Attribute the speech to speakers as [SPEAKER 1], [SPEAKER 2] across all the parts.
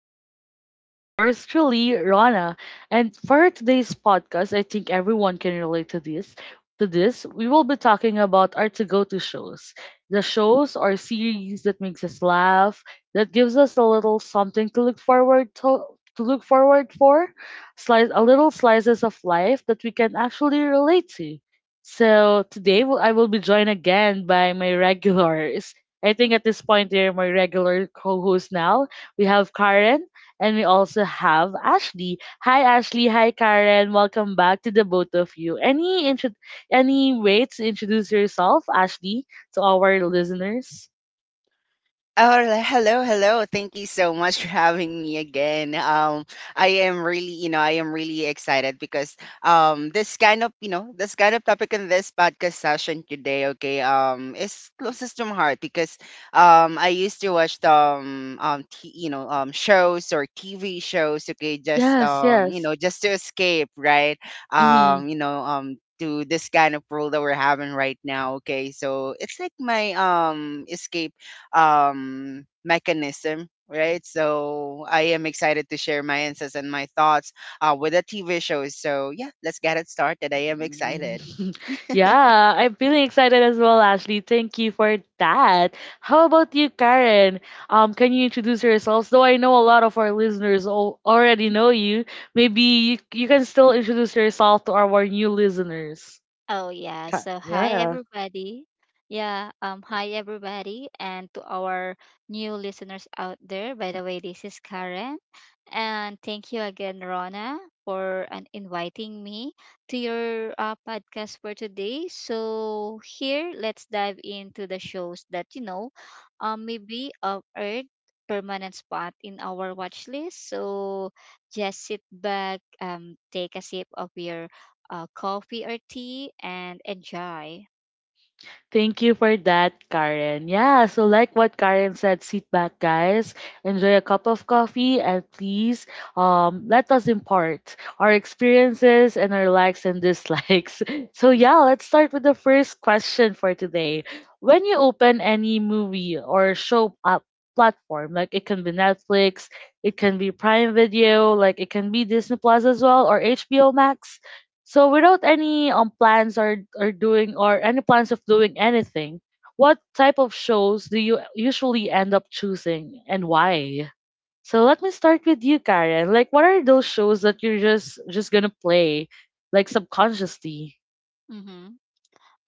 [SPEAKER 1] Again, this is yours truly, Rana. And for today's podcast, I think everyone can relate to this. To this, we will be talking about our to-go-to shows. The shows or series that makes us laugh, that gives us a little something to look forward to to look forward for, slice a little slices of life that we can actually relate to. So I will be joined again by my regulars. I think at this point they're my regular co-hosts now. We have Karen and we also have Ashley. Hi Ashley, hi Karen. Welcome back to the both of you. Any way to introduce yourself, Ashley, to our listeners?
[SPEAKER 2] Hello, hello. Thank you so much for having me again. I am really, I am really excited because this kind of, this kind of topic in this podcast session today, okay, is closest to my heart because I used to watch shows or TV shows, okay, just
[SPEAKER 1] Yes, yes.
[SPEAKER 2] just to escape, right?
[SPEAKER 1] Mm-hmm.
[SPEAKER 2] To this kind of rule that we're having right now, okay, so it's like my escape mechanism, right? So I am excited to share my insights and my thoughts with the TV shows. So yeah, let's get it started. I am excited.
[SPEAKER 1] Yeah, I'm feeling excited as well, Ashley. Thank you for that. How about you, Karen? Can you introduce yourselves? Though I know a lot of our listeners already know you, maybe you can still introduce yourself to our new listeners.
[SPEAKER 3] Oh yeah. So hi
[SPEAKER 1] Yeah.
[SPEAKER 3] everybody. Yeah, hi everybody and to our new listeners out there. By the way, this is Karen and thank you again Rona for inviting me to your podcast for today. So here let's dive into the shows that maybe of earth permanent spot in our watch list. So just sit back, take a sip of your coffee or tea and enjoy.
[SPEAKER 1] Thank you for that, Karen. Yeah, so like what Karen said, sit back, guys, enjoy a cup of coffee, and please let us impart our experiences and our likes and dislikes. So, yeah, let's start with the first question for today. When you open any movie or show up, platform like it can be Netflix, it can be Prime Video, like it can be Disney Plus as well or HBO Max. So without any plans or doing or any plans of doing anything, what type of shows do you usually end up choosing and why? So let me start with you, Karen. Like what are those shows that you're just gonna play like subconsciously?
[SPEAKER 3] Mm-hmm.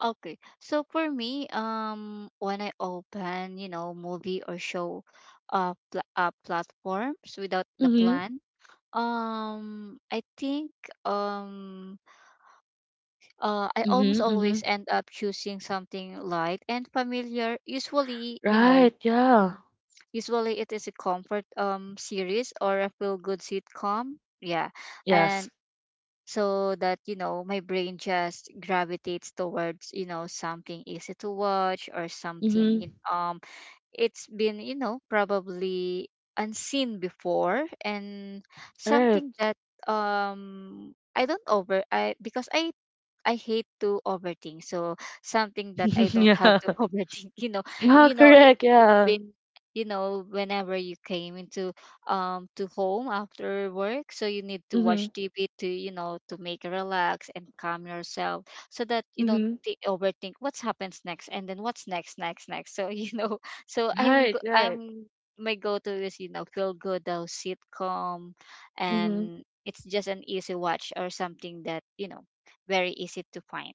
[SPEAKER 3] Okay, so for me, when I open, you know, movie or show, platforms without the
[SPEAKER 1] Mm-hmm.
[SPEAKER 3] plan, um, I think, um, I almost
[SPEAKER 1] Mm-hmm.
[SPEAKER 3] always
[SPEAKER 1] Mm-hmm.
[SPEAKER 3] end up choosing something light and familiar. Usually, you know,
[SPEAKER 1] Right, yeah.
[SPEAKER 3] mhm, usually it is a comfort series or a feel good sitcom. Yeah,
[SPEAKER 1] Yes.
[SPEAKER 3] and so that you know my brain just gravitates towards you know something easy to watch or something you-
[SPEAKER 1] Mm-hmm.
[SPEAKER 3] um It's been you know probably unseen before and
[SPEAKER 1] Right.
[SPEAKER 3] something that um I don't over I because I I hate to overthink. So something that I don't have
[SPEAKER 1] yeah.
[SPEAKER 3] to overthink. You know,
[SPEAKER 1] Yeah,
[SPEAKER 3] you know, it,
[SPEAKER 1] correct,
[SPEAKER 3] it's
[SPEAKER 1] yeah.
[SPEAKER 3] been you know whenever you came into to home after work so you need to
[SPEAKER 1] Mm-hmm.
[SPEAKER 3] watch tv to you know to make relax and calm yourself so that you don't
[SPEAKER 1] Mm-hmm.
[SPEAKER 3] thi- overthink what's happens next and then what's next so you know so I'm
[SPEAKER 1] Right,
[SPEAKER 3] go-
[SPEAKER 1] right.
[SPEAKER 3] I'm my go-to is you know feel good though sitcom
[SPEAKER 1] Mm-hmm.
[SPEAKER 3] and it's just an easy watch or something that you know very easy to find.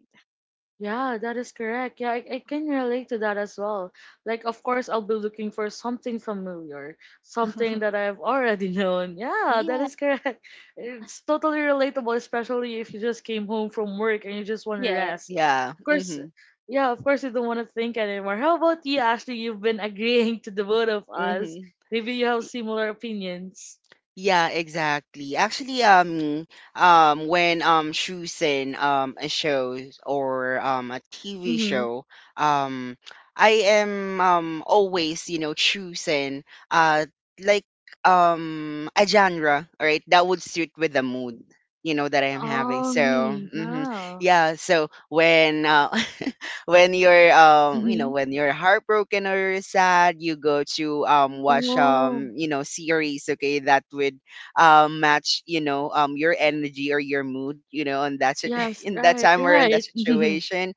[SPEAKER 1] Yeah, that is correct. Yeah, I can relate to that as well. Like, of course, I'll be looking for something familiar, something that I've already known. Yeah, that
[SPEAKER 3] Yeah.
[SPEAKER 1] is correct. It's totally relatable, especially if you just came home from work and you just want to
[SPEAKER 3] Yeah.
[SPEAKER 1] rest.
[SPEAKER 2] Yeah.
[SPEAKER 1] Of course,
[SPEAKER 2] Mm-hmm.
[SPEAKER 1] yeah, of course, you don't want to think anymore. How about you, Ashley? You've been agreeing to the both of us.
[SPEAKER 2] Mm-hmm.
[SPEAKER 1] Maybe you have similar opinions.
[SPEAKER 2] Yeah, exactly. Actually, when choosing a show or a TV
[SPEAKER 1] Mm-hmm.
[SPEAKER 2] show, um, I am always you know choosing uh like a genre, right? That would suit with the mood you know that I am having.
[SPEAKER 1] Oh,
[SPEAKER 2] So,
[SPEAKER 1] really?
[SPEAKER 2] hmm,
[SPEAKER 1] Yeah.
[SPEAKER 2] yeah. So when when you're you know
[SPEAKER 1] Mm-hmm.
[SPEAKER 2] when you're heartbroken or you're sad, you go to watch
[SPEAKER 1] Oh,
[SPEAKER 2] you know series, okay, that would match you know your energy or your mood, you know, and that's it
[SPEAKER 1] yes,
[SPEAKER 2] in that
[SPEAKER 1] right,
[SPEAKER 2] time or in that
[SPEAKER 1] right.
[SPEAKER 2] situation,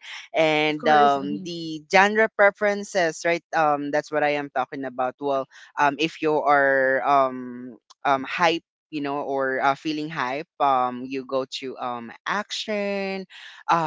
[SPEAKER 1] Of
[SPEAKER 2] and
[SPEAKER 1] course. Hmm
[SPEAKER 2] the genre preferences, right? That's what I am talking about. Well, if you are hype, you know, or feeling hype, you go to action,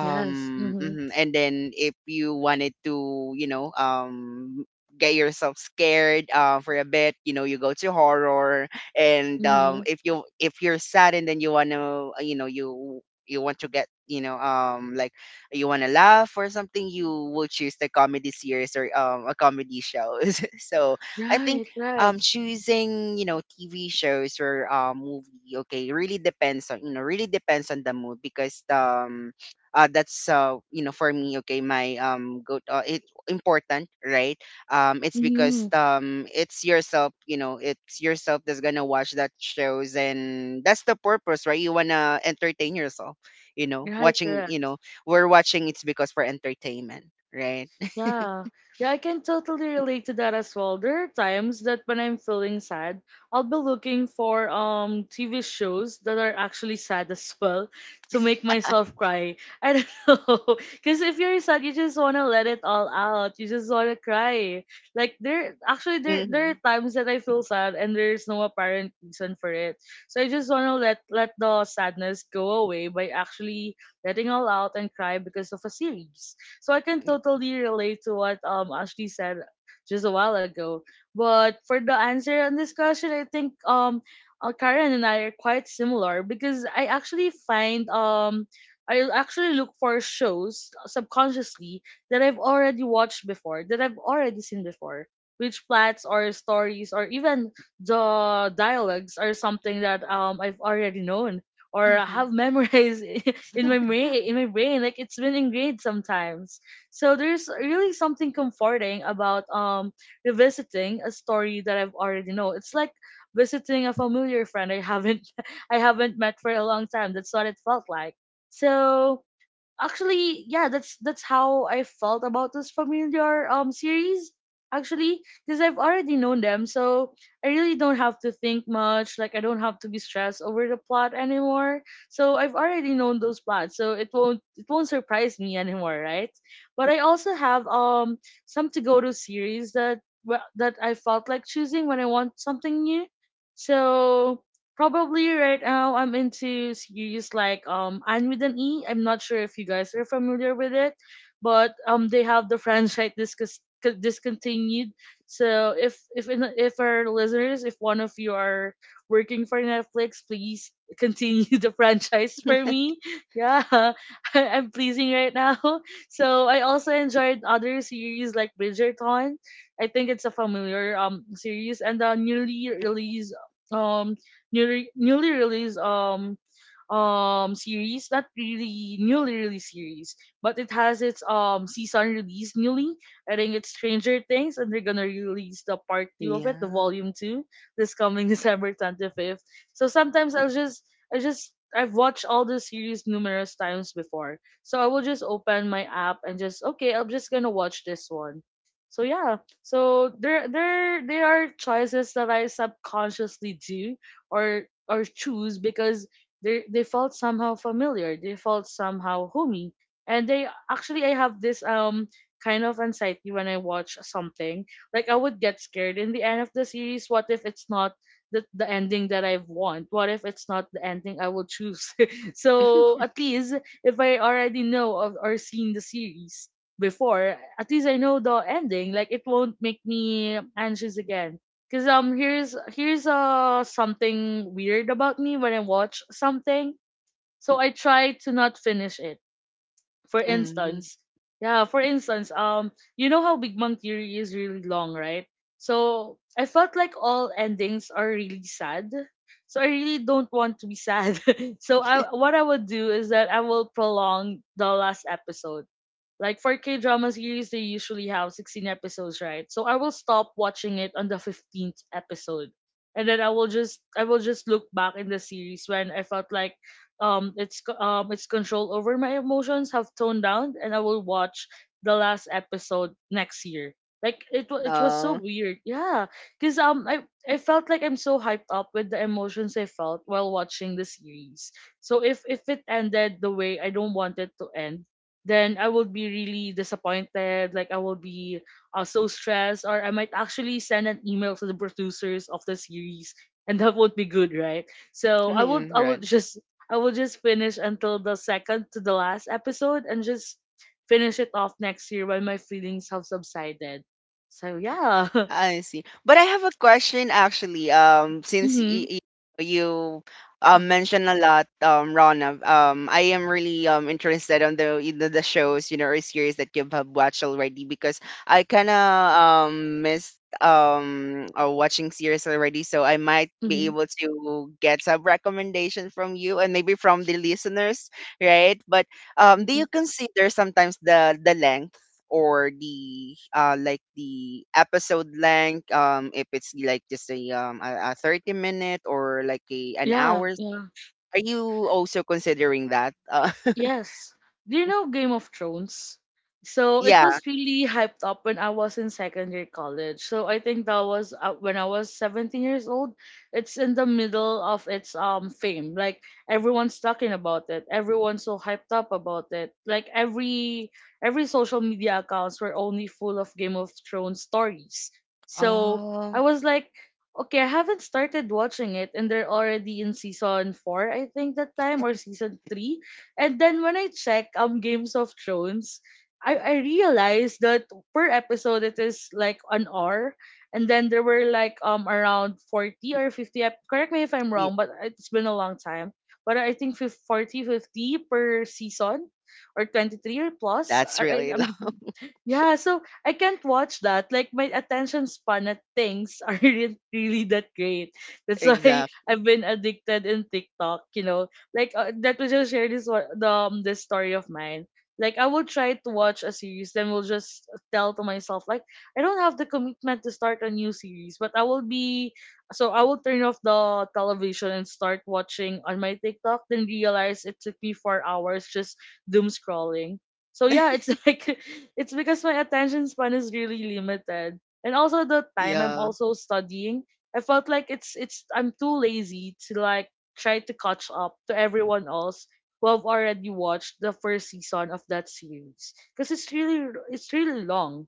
[SPEAKER 1] Yes. hmm
[SPEAKER 2] mhm. And then if you wanted to you know get yourself scared for a bit, you know, you go to horror. And
[SPEAKER 1] hmm
[SPEAKER 2] if you if you're sad and then you want to you know you want to get you know like you want to laugh or something, you will choose the comedy series or a comedy show. so I think
[SPEAKER 1] Right. Right.
[SPEAKER 2] choosing you know TV shows or movie okay really depends on you know really depends on the mood because that's you know for me, okay, my go it important, right? It's because
[SPEAKER 1] hmm
[SPEAKER 2] it's yourself, you know, it's yourself that's gonna watch that shows, and that's the purpose, right? You wanna entertain yourself, you know,
[SPEAKER 1] Right.
[SPEAKER 2] watching, you
[SPEAKER 1] Correct.
[SPEAKER 2] know, we're watching, it's because for entertainment, right?
[SPEAKER 1] Yeah. Yeah, I can totally relate to that as well. There are times that when I'm feeling sad, I'll be looking for TV shows that are actually sad as well to make myself cry. I don't know. Cause if you're sad, you just wanna let it all out. You just wanna cry. Like there actually there there
[SPEAKER 2] mm-hmm.
[SPEAKER 1] are times that I feel sad and there's no apparent reason for it. So I just wanna let the sadness go away by actually letting all out and cry because of a series, so I can
[SPEAKER 2] Yeah.
[SPEAKER 1] totally relate to what Ashley said just a while ago. But for the answer and discussion, I think Karen and I are quite similar because I actually look for shows subconsciously that I've already watched before, that I've already seen before. Which plots or stories or even the dialogues are something that I've already known or
[SPEAKER 3] Hmm.
[SPEAKER 1] have memorized in my brain, like it's been ingrained sometimes. So there's really something comforting about revisiting a story that I've already know. It's like visiting a familiar friend I haven't I haven't met for a long time. That's what it felt like. So actually, yeah, that's how I felt about this familiar series actually, because I've already known them. So I really don't have to think much. Like I don't have to be stressed over the plot anymore, so I've already known those plots. So it won't surprise me anymore, right? But I also have some to go to series that, well, that I felt like choosing when I want something new. So probably right now I'm into series like Anne with an E. I'm not sure if you guys are familiar with it, but they have the franchise discontinued. So if our listeners, if one of you are working for Netflix, please continue the franchise for me. Yeah, I'm pleasing right now. So I also enjoyed other series like Bridgerton. I think it's a familiar series. And the um newly released series, not really newly released series, but it has its season released newly. I think it's Stranger Things, and they're gonna release the part two of it, the
[SPEAKER 2] Yeah.
[SPEAKER 1] volume two this coming december 25th. So sometimes I'll just I just I've watched all the series numerous times before, so I will just open my app and just, okay, I'm just gonna watch this one. So yeah, so there are choices that I subconsciously do or choose because they felt somehow familiar, they felt somehow homey. And they actually, I have this kind of anxiety when I watch something. Like I would get scared in the end of the series, what if it's not the ending that I want, what if it's not the ending I will choose? So at least if I already know of, or seen the series before, at least I know the ending. Like it won't make me anxious again. Cause here's here's something weird about me when I watch something. So I try to not finish it. For
[SPEAKER 2] Mm-hmm.
[SPEAKER 1] instance, yeah, for instance, you know how Big Bang Theory is really long, right? So I felt like all endings are really sad. So I really don't want to be sad. So I what I would do is that I will prolong the last episode. Like for K drama series, they usually have 16 episodes, right? So I will stop watching it on the 15th episode. And then I will just look back in the series when I felt like its control over my emotions have toned down, and I will watch the last episode next year. Like it was so
[SPEAKER 2] Oh.
[SPEAKER 1] weird. Yeah. Cause I felt like I'm so hyped up with the emotions I felt while watching the series. So if it ended the way I don't want it to end, then I will be really disappointed. Like I will be so stressed, or I might actually send an email to the producers of the series, and that would be good, right? So
[SPEAKER 2] right.
[SPEAKER 1] I would just finish until the second to the last episode and just finish it off next year when my feelings have subsided. So yeah,
[SPEAKER 2] I see. But I have a question actually. Um, since
[SPEAKER 1] mm-hmm,
[SPEAKER 2] y- y- you mentioned a lot, Rana. I am really interested on the the shows, you know, or series that you have watched already, because I kinda missed watching series already, so I might be
[SPEAKER 1] mm-hmm,
[SPEAKER 2] able to get some recommendation from you and maybe from the listeners, right? But do
[SPEAKER 1] mm-hmm.
[SPEAKER 2] you consider sometimes the length? Or the like the episode length, if it's like just a a 30 minute or like a an
[SPEAKER 1] Yeah,
[SPEAKER 2] hour,
[SPEAKER 1] yeah.
[SPEAKER 2] are you also considering that
[SPEAKER 1] Yes. Do you know Game of Thrones? So it
[SPEAKER 2] yeah?
[SPEAKER 1] was really hyped up when I was in secondary college. So I think that was when I was 17 years old. It's in the middle of its fame. Like everyone's talking about it. Everyone's so hyped up about it. Like every social media accounts were only full of Game of Thrones stories. So I
[SPEAKER 2] oh
[SPEAKER 1] was like, okay, I haven't started watching it and they're already in season 4, I think that time, or season 3. And then when I check Games of Thrones, I realized that per episode it is like an hour. And then there were like around 40 or 50 correct me if I'm
[SPEAKER 2] y-
[SPEAKER 1] wrong, but it's been a long time. But I think 40, 50 per season, or 23 or plus.
[SPEAKER 2] that's
[SPEAKER 1] I,
[SPEAKER 2] really
[SPEAKER 1] I'm
[SPEAKER 2] long.
[SPEAKER 1] yeah, so I can't watch that. Like my attention span at things aren't really that great. That's why
[SPEAKER 2] exact,
[SPEAKER 1] I've been addicted in TikTok, you know, like that we just share this one- the this story of mine. Like I will try to watch a series, then will just tell to myself like I don't have the commitment to start a new series, but I will be so I will turn off the television and start watching on my TikTok. Then realize it took me 4 hours just doom scrolling. So yeah, it's like it's because my attention span is really limited, and also the time I'm
[SPEAKER 2] yeah,
[SPEAKER 1] also studying. I felt like it's I'm too lazy to like try to catch up to everyone else who have already watched the first season of that series because it's really long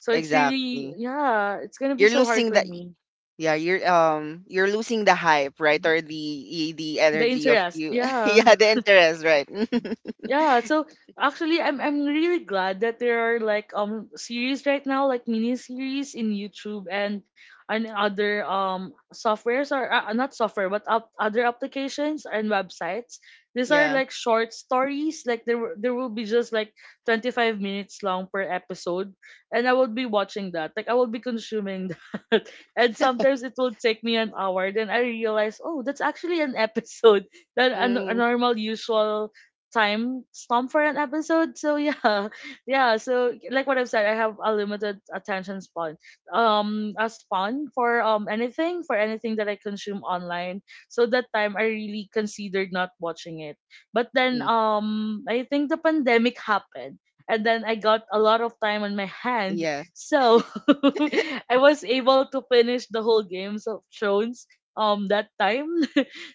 [SPEAKER 1] so it's really
[SPEAKER 2] exactly.
[SPEAKER 1] yeah it's gonna be
[SPEAKER 2] You're
[SPEAKER 1] so hard
[SPEAKER 2] losing
[SPEAKER 1] for
[SPEAKER 2] the,
[SPEAKER 1] me
[SPEAKER 2] yeah, you're losing the hype, right, or the the
[SPEAKER 1] the
[SPEAKER 2] energy of
[SPEAKER 1] interest
[SPEAKER 2] you,
[SPEAKER 1] yeah.
[SPEAKER 2] yeah, the interest, right?
[SPEAKER 1] Yeah, so actually I'm really glad that there are like series right now, like mini series in YouTube and other softwares or not software but up, other applications and websites. These are
[SPEAKER 2] yeah.
[SPEAKER 1] like short stories, like there will be just like 25 minutes long per episode and I would be watching that. Like I would be consuming that. And sometimes it will take me an hour then I realize, "Oh, that's actually an episode than a
[SPEAKER 2] Mm,
[SPEAKER 1] normal usual time stamp for an episode." So yeah, yeah. So like what I've said, I have a limited attention span. A span for anything that I consume online. So that time I really considered not watching it. But then
[SPEAKER 2] mm.
[SPEAKER 1] I think the pandemic happened. And then I got a lot of time on my hand,
[SPEAKER 2] Yeah,
[SPEAKER 1] so I was able to finish the whole Games of Thrones that time.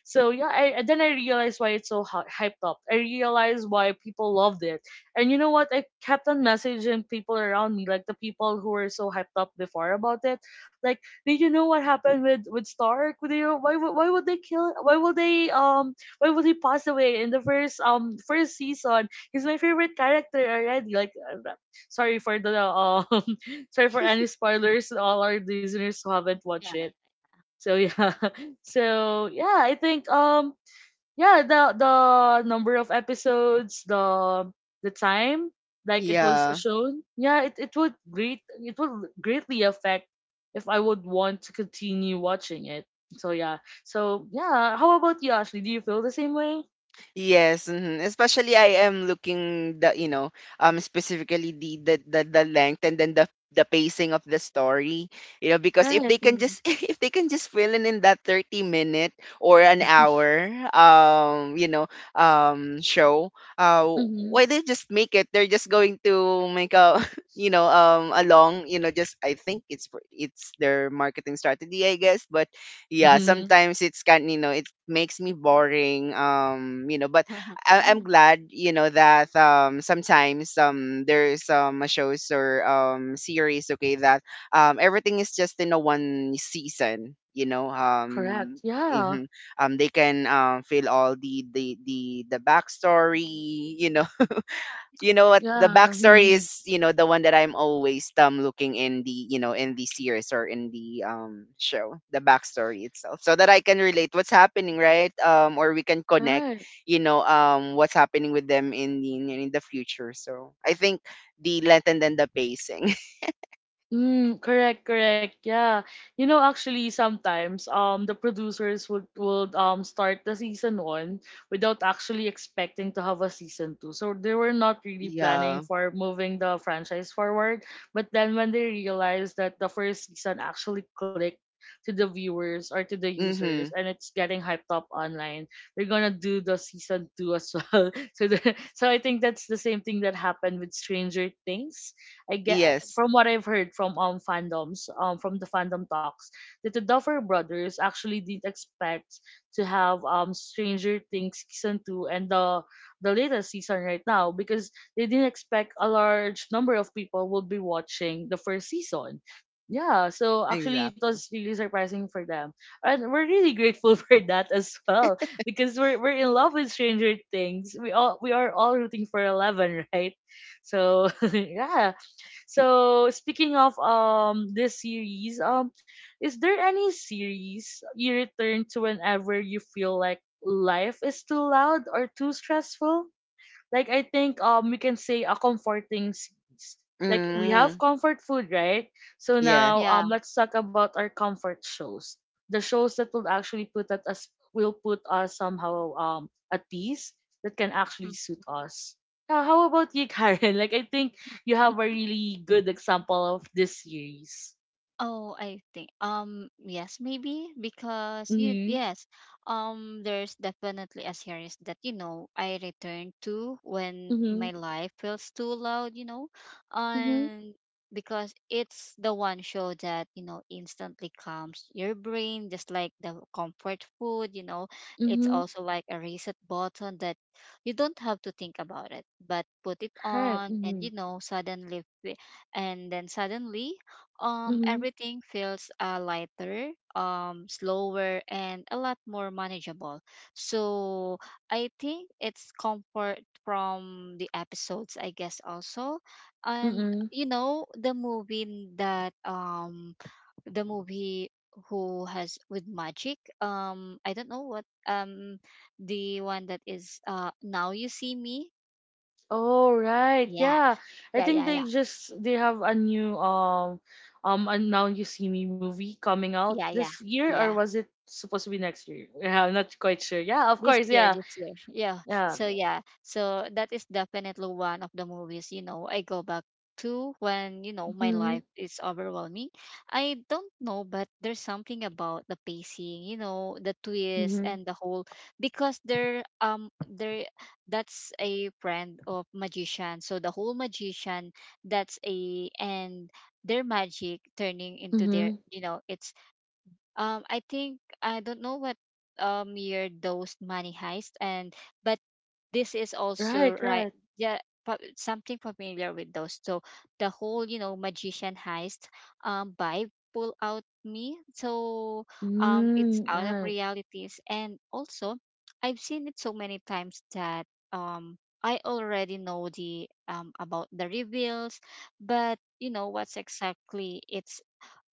[SPEAKER 1] So yeah, I then I realized why it's so hyped up. I realized why people loved it. And you know what? I kept on messaging people around me, like the people who were so hyped up before about it. Like, did you know what happened with Stark? Would they, why would they kill? Why would they Why would he pass away in the first first season? He's my favorite character already. Like, sorry for the sorry for any spoilers to all our listeners who haven't watched
[SPEAKER 3] Yeah, yeah.
[SPEAKER 1] it. So yeah. So yeah, I think yeah, the number of episodes, the time like it was
[SPEAKER 2] yeah.
[SPEAKER 1] shown, yeah, it would greatly affect if I would want to continue watching it. So yeah. So yeah, how about you, Ashley? Do you feel the same way?
[SPEAKER 2] Yes, mhm. Especially I am looking the you know specifically the length and then the pacing of the story, you know, because if
[SPEAKER 1] Right.
[SPEAKER 2] they can
[SPEAKER 1] Mm-hmm.
[SPEAKER 2] just, if they can just fill in that 30 minute or an hour you know show, uh why they just make it, they're just going to make a, you know, a long, you know, just I think it's their marketing strategy, I guess. But yeah,
[SPEAKER 1] Mm-hmm.
[SPEAKER 2] sometimes it's kind, you know, it makes me boring, you know. But I- I'm glad you know that sometimes there's shows or series, okay, that everything is just in a one season, you know,
[SPEAKER 1] Correct. Yeah.
[SPEAKER 2] mhm. They can fill all the backstory, you know, you know what the
[SPEAKER 1] Yeah.
[SPEAKER 2] backstory
[SPEAKER 1] Mm-hmm.
[SPEAKER 2] is, you know, the one that I'm always looking in the you know in the series or in the show, the backstory itself, so that I can relate what's happening, right? Or we can connect
[SPEAKER 1] Right.
[SPEAKER 2] you know what's happening with them in the future. So I think the length and then the pacing.
[SPEAKER 1] Mm, correct, correct. Yeah. You know, actually sometimes the producers would start the season one without actually expecting to have a season two. So they were not really planning
[SPEAKER 2] yeah.
[SPEAKER 1] for moving the franchise forward. But then when they realized that the first season actually clicked to the viewers or to the users
[SPEAKER 2] Mm-hmm.
[SPEAKER 1] and it's getting hyped up online, they're gonna do the season two as well. So I think that's the same thing that happened with Stranger Things I get
[SPEAKER 2] Yes,
[SPEAKER 1] from what I've heard from fandoms from the fandom talks that the Duffer Brothers actually didn't expect to have Stranger Things season two and the latest season right now because they didn't expect a large number of people would be watching the first season. Yeah, so actually it
[SPEAKER 2] exactly.
[SPEAKER 1] was really surprising for them. And we're really grateful for that as well because we're in love with Stranger Things. We are all rooting for Eleven, right? So yeah, so speaking of this series, is there any series you return to whenever you feel like life is too loud or too stressful? Like I think we can say a comforting seeds. Like we have
[SPEAKER 2] Mm,
[SPEAKER 1] comfort food, right? So
[SPEAKER 2] yeah.
[SPEAKER 1] now
[SPEAKER 3] Yeah.
[SPEAKER 1] let's talk about our comfort shows. The shows that will actually put at us will put us somehow at peace that can actually
[SPEAKER 3] Mm.
[SPEAKER 1] suit us. Now, how about you, Karen? Like I think you have a really good example of this series.
[SPEAKER 3] Oh, I think yes, maybe because you
[SPEAKER 1] Mhm.
[SPEAKER 3] yes, there's definitely a series that you know I return to when
[SPEAKER 1] Mhm.
[SPEAKER 3] my life feels too loud, you know,
[SPEAKER 1] Mhm.
[SPEAKER 3] and because it's the one show that you know instantly calms your brain, just like the comfort food, you know, it's
[SPEAKER 1] Mhm.
[SPEAKER 3] also like a reset button that you don't have to think about it, but put it
[SPEAKER 1] Right.
[SPEAKER 3] on and
[SPEAKER 1] Mhm.
[SPEAKER 3] you know suddenly
[SPEAKER 1] Mhm.
[SPEAKER 3] everything feels lighter slower and a lot more manageable so I think it's comfort from the episodes I guess also and
[SPEAKER 1] Mhm.
[SPEAKER 3] you know the movie who has with magic I don't know what, the one that is now you see me
[SPEAKER 1] Oh right,
[SPEAKER 3] yeah
[SPEAKER 1] yeah. I
[SPEAKER 3] yeah
[SPEAKER 1] think
[SPEAKER 3] yeah yeah
[SPEAKER 1] they have a new and Now You See Me movie coming out
[SPEAKER 3] yeah
[SPEAKER 1] this
[SPEAKER 3] yeah
[SPEAKER 1] year or
[SPEAKER 3] yeah
[SPEAKER 1] was it supposed to be next year? Yeah, I'm not quite sure. Yeah, of course. Yeah,
[SPEAKER 3] this year yeah
[SPEAKER 1] yeah.
[SPEAKER 3] so yeah so that is definitely one of the movies you know I go back to when you know my
[SPEAKER 1] Mhm,
[SPEAKER 3] life is overwhelming I don't know but there's something about the pacing you know the twist
[SPEAKER 1] mhm,
[SPEAKER 3] and the whole because they're that's a friend of magician so the whole magician that's a and their magic turning into their
[SPEAKER 1] mhm.
[SPEAKER 3] you know it's I think I don't know what year those money heist and but this is also
[SPEAKER 1] Right,
[SPEAKER 3] right
[SPEAKER 1] right.
[SPEAKER 3] yeah something familiar with those. So the whole you know magician heist vibe pull out me. So it's
[SPEAKER 1] Mm,
[SPEAKER 3] out of
[SPEAKER 1] right.
[SPEAKER 3] realities and also I've seen it so many times that um I already know the about the reveals, but you know what's exactly it's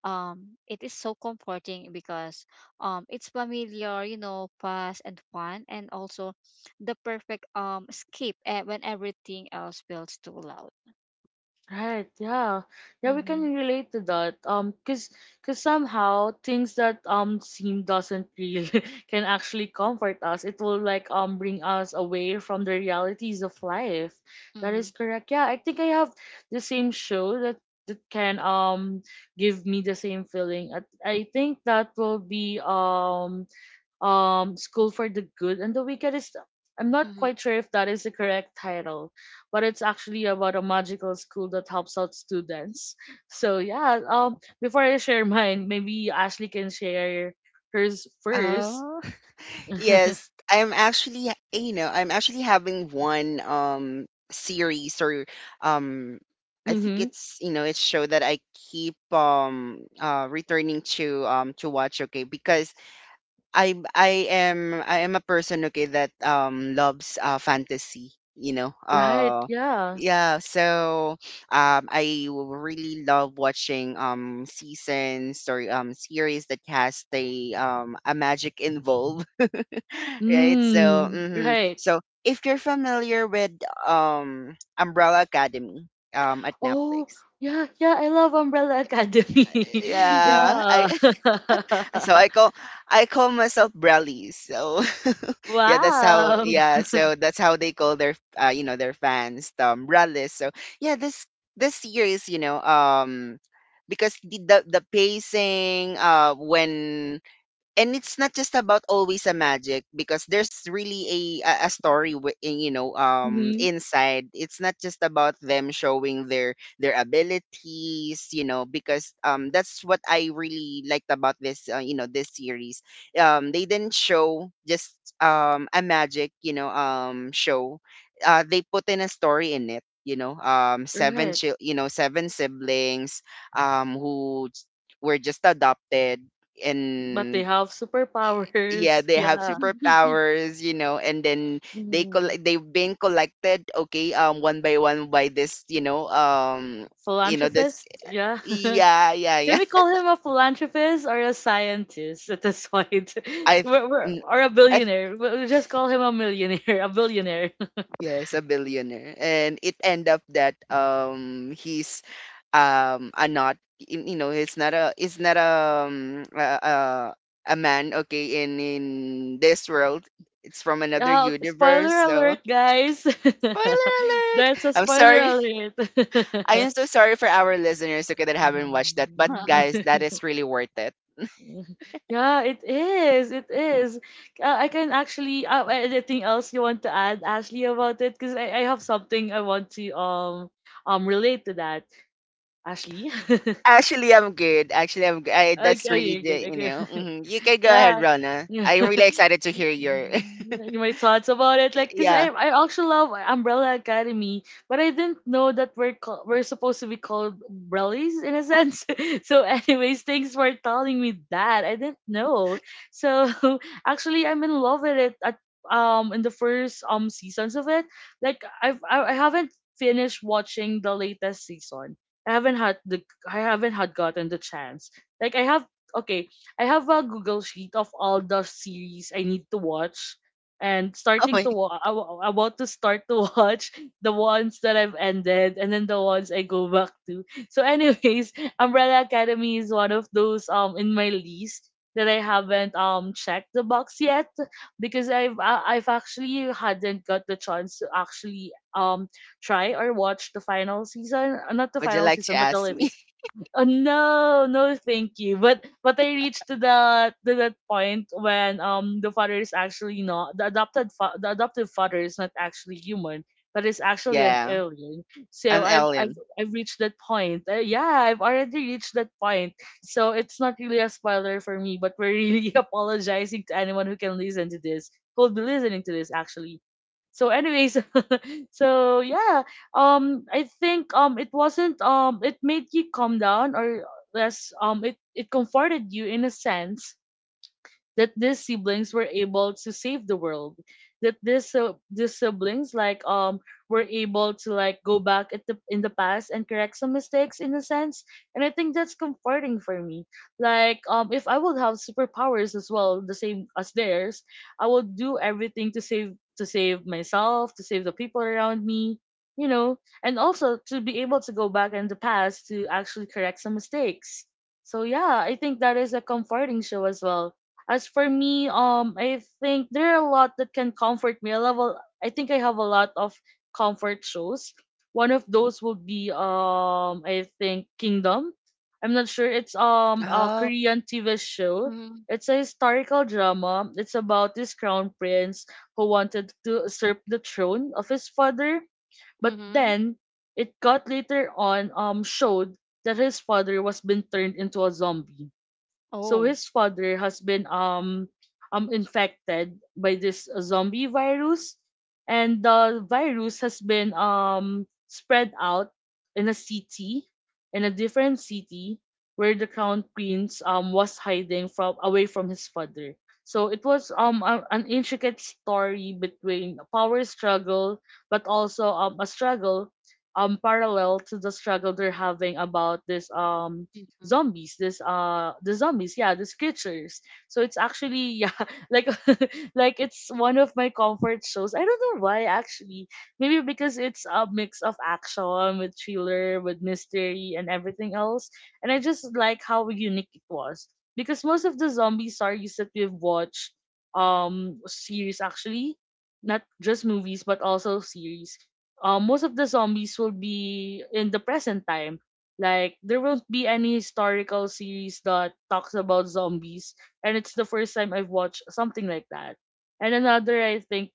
[SPEAKER 3] it is so comforting because it's familiar you know fast and fun and also the perfect escape eh, when everything else feels too loud.
[SPEAKER 1] Right, yeah. Yeah, we
[SPEAKER 3] Mm-hmm.
[SPEAKER 1] can relate to that. 'Cause somehow things that seem doesn't real can actually comfort us. It will like bring us away from the realities of life. That is
[SPEAKER 3] Mm-hmm.
[SPEAKER 1] correct. Yeah, I think I have the same show that can give me the same feeling. I think that will be School for the Good and the Wicked is, I'm not
[SPEAKER 3] Mm-hmm.
[SPEAKER 1] quite sure if that is the correct title, but it's actually about a magical school that helps out students. So yeah, before I share mine, maybe Ashley can share hers first.
[SPEAKER 2] Oh. Yes, I'm actually, you know, I'm actually having one series or um I think
[SPEAKER 1] Mm-hmm.
[SPEAKER 2] it's, you know, it's show that I keep returning to watch, okay, because I am a person, okay, that loves fantasy, you know.
[SPEAKER 1] Right, yeah.
[SPEAKER 2] Yeah, so I really love watching seasons or series that has the a magic involved, right? So,
[SPEAKER 1] Mm,
[SPEAKER 2] mhm,
[SPEAKER 1] right.
[SPEAKER 2] so if you're familiar with Umbrella Academy at
[SPEAKER 1] Oh,
[SPEAKER 2] Netflix,
[SPEAKER 1] yeah, yeah, I love Umbrella Academy.
[SPEAKER 2] yeah,
[SPEAKER 1] Yeah.
[SPEAKER 2] I, so I call, I call myself Brellies. So yeah, that's how,
[SPEAKER 1] Wow.
[SPEAKER 2] yeah, so that's how they call their you know their fans, Brellies. So yeah, this series, you know, because the pacing when, and it's not just about always a magic, because there's really a story you know
[SPEAKER 1] Hmm.
[SPEAKER 2] inside. It's not just about them showing their abilities, you know, because that's what I really liked about this you know this series. They didn't show just a magic you know show. They put in a story in it, you know,
[SPEAKER 1] Right.
[SPEAKER 2] you know, seven siblings who were just adopted.
[SPEAKER 1] But they
[SPEAKER 2] And
[SPEAKER 1] have
[SPEAKER 2] yeah,
[SPEAKER 1] superpowers.
[SPEAKER 2] they have
[SPEAKER 1] Yeah.
[SPEAKER 2] superpowers, you know. And then
[SPEAKER 1] Mhm.
[SPEAKER 2] they've been collected, okay, one by one by this you know this,
[SPEAKER 1] Philanthropist? Yeah.
[SPEAKER 2] yeah, yeah,
[SPEAKER 1] Can
[SPEAKER 2] yeah.
[SPEAKER 1] we call him a philanthropist or a scientist at this point?
[SPEAKER 2] I th- n-
[SPEAKER 1] Or a
[SPEAKER 2] I th-
[SPEAKER 1] billionaire? We'll just call him a millionaire, A billionaire.
[SPEAKER 2] Yes, a billionaire, and it end up that he's a, not y- you know, he's not a, he's not a um a, a, a man, okay, in this world. It's from another
[SPEAKER 1] Yeah, okay,
[SPEAKER 2] universe.
[SPEAKER 1] spoiler
[SPEAKER 2] So
[SPEAKER 1] alert, guys.
[SPEAKER 2] spoiler alert,
[SPEAKER 1] That's a
[SPEAKER 2] I'm
[SPEAKER 1] spoiler
[SPEAKER 2] sorry.
[SPEAKER 1] alert.
[SPEAKER 2] I am so sorry for our listeners, okay, that haven't watched that, but
[SPEAKER 1] Mhm.
[SPEAKER 2] guys, that is really worth it.
[SPEAKER 1] Yeah, it is. It is. I can actually. Anything else you want to add, Ashley, about it? Because I have something I want to relate to that, Ashley.
[SPEAKER 2] Actually, I'm good. Actually, I, that's
[SPEAKER 1] Okay,
[SPEAKER 2] really
[SPEAKER 1] you're good.
[SPEAKER 2] the you
[SPEAKER 1] Okay.
[SPEAKER 2] know. Hmm. You can go ahead,
[SPEAKER 1] Yeah.
[SPEAKER 2] Rana.
[SPEAKER 1] Yeah.
[SPEAKER 2] I'm really excited to hear your.
[SPEAKER 1] Mm, my thoughts about it, like, cause
[SPEAKER 2] yeah.
[SPEAKER 1] I I also love Umbrella Academy, but I didn't know that we're supposed to be called umbrellies in a sense. So, anyways, thanks for telling me that. I didn't know. So, actually, I'm in love with it. At in the first seasons of it, I haven't finished watching the latest season. I haven't had gotten the chance. Like I have, okay, I have a Google sheet of all the series I need to watch and
[SPEAKER 2] Oh my.
[SPEAKER 1] I want to start to watch the ones that I've ended and then the ones I go back to. So anyways, Umbrella Academy is one of those in my list that I haven't checked the box yet because I've actually hadn't got the chance to actually try or watch the final season, not the
[SPEAKER 2] Would you
[SPEAKER 1] final
[SPEAKER 2] like to
[SPEAKER 1] season but the
[SPEAKER 2] ask me?
[SPEAKER 1] latest. Oh no, no, thank you. But I reached to that point when the adoptive father is not actually human, but is actually an
[SPEAKER 2] yeah.
[SPEAKER 1] alien. So
[SPEAKER 2] An alien.
[SPEAKER 1] I've reached that point. Yeah, I've already reached that point. So it's not really a spoiler for me, but we're really apologizing to anyone who can listen to this, who'll be listening to this actually. So anyways, so yeah, I think it wasn't, it made you calm down or less, it comforted you in a sense that these siblings were able to save the world, that this these siblings like were able to like go back at the in the past and correct some mistakes in a sense. And I think that's comforting for me. Like if I would have superpowers as well, the same as theirs, I would do everything to save myself, to save the people around me, you know, and also to be able to go back in the past to actually correct some mistakes. So yeah, I think that is a comforting show as well. As for me, I think there are a lot that can comfort me. I think I have a lot of comfort shows. One of those would be I think Kingdom. I'm not sure. It's a
[SPEAKER 2] Oh,
[SPEAKER 1] Korean TV show.
[SPEAKER 3] Mm-hmm.
[SPEAKER 1] It's a historical drama. It's about this crown prince who wanted to usurp the throne of his father, but
[SPEAKER 3] Mm-hmm.
[SPEAKER 1] then it got later on showed that his father was been turned into a zombie. So
[SPEAKER 3] Oh.
[SPEAKER 1] his father has been infected by this zombie virus, and the virus has been spread out in a city, in a different city where the crown prince was hiding from away from his father. So it was an intricate story between a power struggle, but also a struggle parallel to the struggle they're having about this
[SPEAKER 3] Mm-hmm.
[SPEAKER 1] zombies this the zombies, yeah, these creatures. So it's actually yeah like like it's one of my comfort shows. I don't know why actually. Maybe because it's a mix of action with thriller with mystery and everything else, and I just like how unique it was. Because most of the zombie series that we've watched, series actually, not just movies but also series, most of the zombies will be in the present time. Like there won't be any historical series that talks about zombies, and it's the first time I've watched something like that. And another, I think,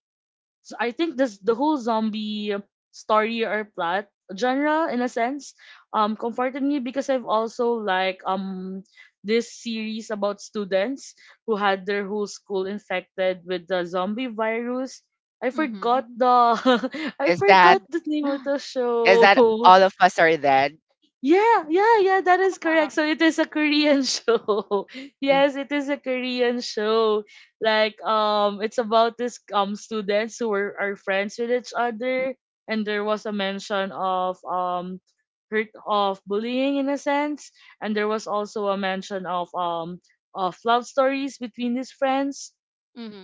[SPEAKER 1] so I think this the whole zombie story or plot genre in a sense comforted me because I've also like this series about students who had their whole school infected with the zombie virus. I forgot
[SPEAKER 3] Mm-hmm.
[SPEAKER 1] the I
[SPEAKER 2] is that,
[SPEAKER 1] forgot the name of the
[SPEAKER 2] is that
[SPEAKER 1] show.
[SPEAKER 2] all of us are dead?
[SPEAKER 1] Yeah, yeah, yeah, that is
[SPEAKER 3] Ah,
[SPEAKER 1] correct. So it is a Korean show. Yes,
[SPEAKER 2] Mhm.
[SPEAKER 1] it is a Korean show. Like it's about this students who were are friends with each other, and there was a mention of hurt of bullying in a sense, and there was also a mention of love stories between these friends.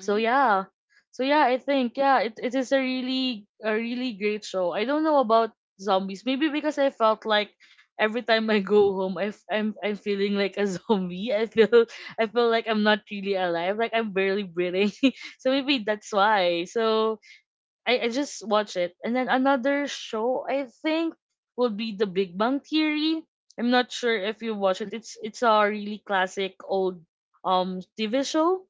[SPEAKER 1] so yeah so yeah i think it is a really great show. I don't know about zombies, maybe because I felt like every time I go home, I, f- I'm feeling like a zombie. I feel like I'm not really alive, like I'm barely breathing. So maybe that's why. So I just watch it. And then another show, I think, would be The Big Bang Theory. I'm not sure if you watch it. It's a really classic old TV show.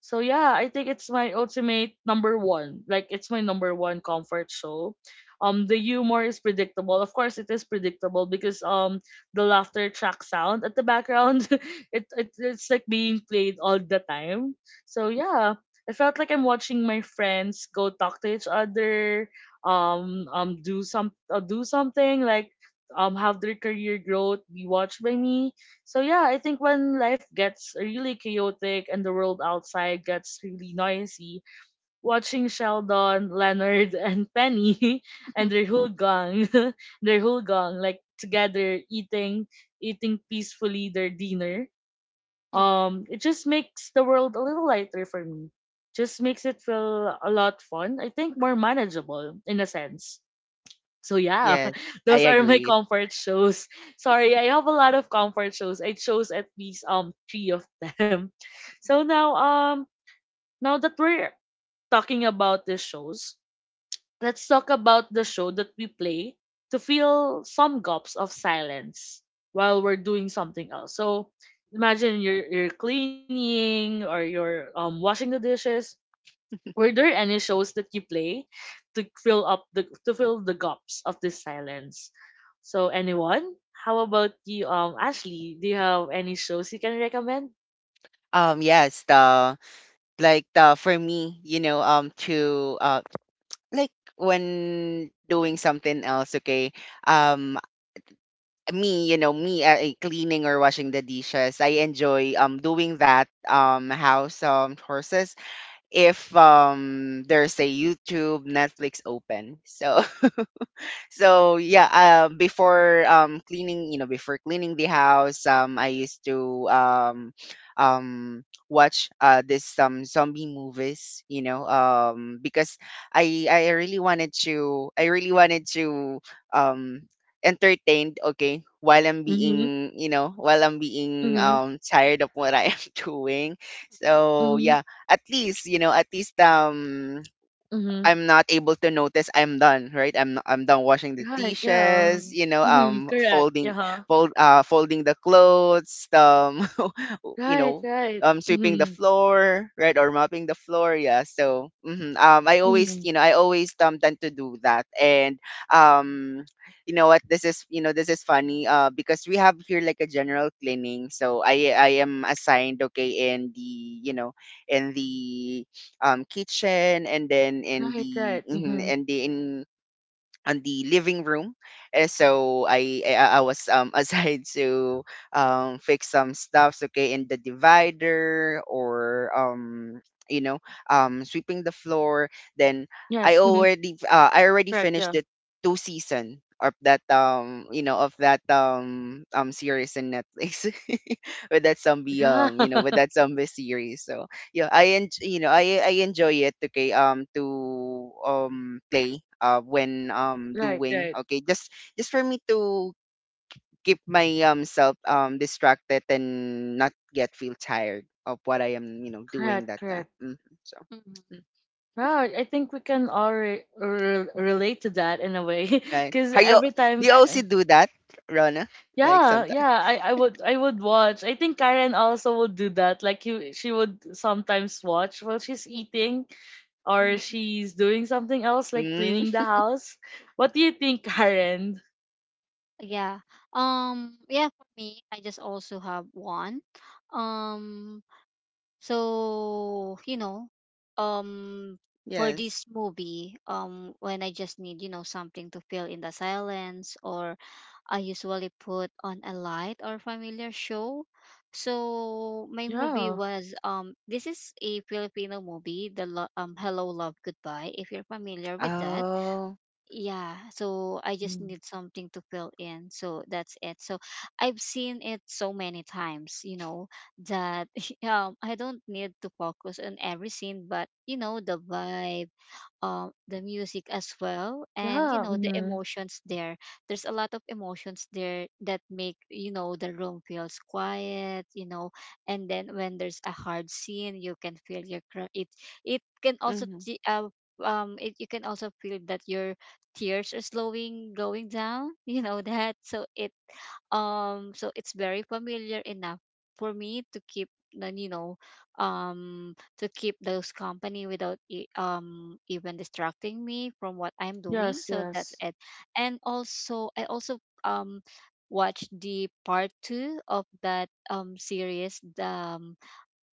[SPEAKER 1] So yeah, I think it's my ultimate number one. Like it's my number one comfort show. The humor is predictable. Of course, it is predictable because the laughter track sound at the background, it's like being played all the time. So yeah, I felt like I'm watching my friends go talk to each other, do some do something like have their career growth be watched by me. So yeah, I think when life gets really chaotic and the world outside gets really noisy, watching Sheldon, Leonard, and Penny and their
[SPEAKER 3] Mm-hmm.
[SPEAKER 1] whole gang, their whole gang, like together eating, eating peacefully their dinner, it just makes the world a little lighter for me. Just makes it feel a lot fun. I think more manageable in a sense. So yeah,
[SPEAKER 2] Yes, I
[SPEAKER 1] those are my
[SPEAKER 2] agree.
[SPEAKER 1] comfort shows. Sorry, I have a lot of comfort shows. I chose at least three of them. So now now that we're talking about the shows, let's talk about the show that we play to fill some gaps of silence while we're doing something else. So imagine you're cleaning or you're washing the dishes. Were there any shows that you play to fill up the to fill the gaps of this silence? So anyone? How about you, Ashley? Do you have any shows you can recommend?
[SPEAKER 2] Yes. The like the for me, you know, to like when doing something else. Okay. Um, Me, you know, cleaning or washing the dishes. I enjoy doing that house courses if there's a YouTube, Netflix open. So so yeah before cleaning, you know, before cleaning the house, I used to um watch this some zombie movies, you know, because I really wanted to, I really wanted to um entertained, okay, while I'm
[SPEAKER 1] Mm-hmm.
[SPEAKER 2] being, you know, while I'm being
[SPEAKER 1] Mm-hmm.
[SPEAKER 2] tired of what I am doing. So
[SPEAKER 1] Mm-hmm.
[SPEAKER 2] yeah, at least you know, at least
[SPEAKER 1] Mm-hmm.
[SPEAKER 2] I'm not able to notice I'm done, right? I'm done washing the
[SPEAKER 1] Right, yeah.
[SPEAKER 2] dishes, you know,
[SPEAKER 1] Mm-hmm. Correct. Yeah.
[SPEAKER 2] fold, folding the clothes, to you
[SPEAKER 1] Right,
[SPEAKER 2] know
[SPEAKER 1] right.
[SPEAKER 2] sweeping the
[SPEAKER 1] Mm-hmm.
[SPEAKER 2] floor, right, or mopping the floor, yeah, so mhm, I always,
[SPEAKER 1] Mm-hmm.
[SPEAKER 2] you know, I always tend to do that. And um you know what, this is, you know, this is funny, because we have here like a general cleaning, so I am assigned, okay, in the you know in the kitchen, and then in
[SPEAKER 1] Right,
[SPEAKER 2] the
[SPEAKER 1] right.
[SPEAKER 2] mhm,
[SPEAKER 1] Mm-hmm.
[SPEAKER 2] in the in on the living room. Eh, so I was assigned to fix some stuffs, okay, in the divider or you know sweeping the floor.
[SPEAKER 1] Yes.
[SPEAKER 2] Then
[SPEAKER 1] Mm-hmm. Correct,
[SPEAKER 2] I
[SPEAKER 1] yeah.
[SPEAKER 2] already finished the 2 season of that you know of that series in Netflix with that zombie you know with that zombie series. So yeah, you know, I enjoy it. Okay, to play when
[SPEAKER 1] Right, right.
[SPEAKER 2] doing, okay, just for me to keep my self distracted and not get feel tired of what I am you know doing
[SPEAKER 1] Correct,
[SPEAKER 2] that time.
[SPEAKER 1] correct.
[SPEAKER 2] Hmm. So, mm,
[SPEAKER 1] Right, I think we can all relate to that in a way,
[SPEAKER 2] right?
[SPEAKER 1] because
[SPEAKER 2] Are you,
[SPEAKER 1] every
[SPEAKER 2] do
[SPEAKER 1] time,
[SPEAKER 2] you also
[SPEAKER 1] I-
[SPEAKER 2] do that, Rona? Like
[SPEAKER 1] yeah,
[SPEAKER 2] sometimes?
[SPEAKER 1] yeah, I would I would watch. I think Karen also would do that. Like you, she would sometimes watch while she's eating or
[SPEAKER 3] Mm-hmm.
[SPEAKER 1] she's doing something else, like cleaning
[SPEAKER 2] Mm,
[SPEAKER 1] the house. What do you think, Karen?
[SPEAKER 3] Yeah um yeah for me I just also have one um So, you know, um for
[SPEAKER 2] yes.
[SPEAKER 3] this movie, when I just need, you know, something to fill in the silence or I usually put on a light or familiar show. So, my movie
[SPEAKER 1] Yeah.
[SPEAKER 3] was this is a Filipino movie, Hello Love Goodbye if you're familiar with that
[SPEAKER 2] Oh.
[SPEAKER 3] yeah so I just
[SPEAKER 1] Mm.
[SPEAKER 3] need something to fill in so that's it so I've seen it so many times you know that I don't need to focus on every scene but you know the vibe the music as well and you
[SPEAKER 1] Yeah,
[SPEAKER 3] know the
[SPEAKER 1] mm-hmm.
[SPEAKER 3] emotions there there's a lot of emotions there that make you know the room feels quiet you know and then when there's a hard scene you can feel your cr- it can also
[SPEAKER 2] Hmm.
[SPEAKER 3] you can also feel that your tears are slowing going down you know that so it so it's very familiar enough for me to keep then you know um to keep those company without even distracting me from what I'm doing.
[SPEAKER 1] Yes,
[SPEAKER 3] So that's
[SPEAKER 1] yes.
[SPEAKER 3] it. And also I also um watched the part two of that series,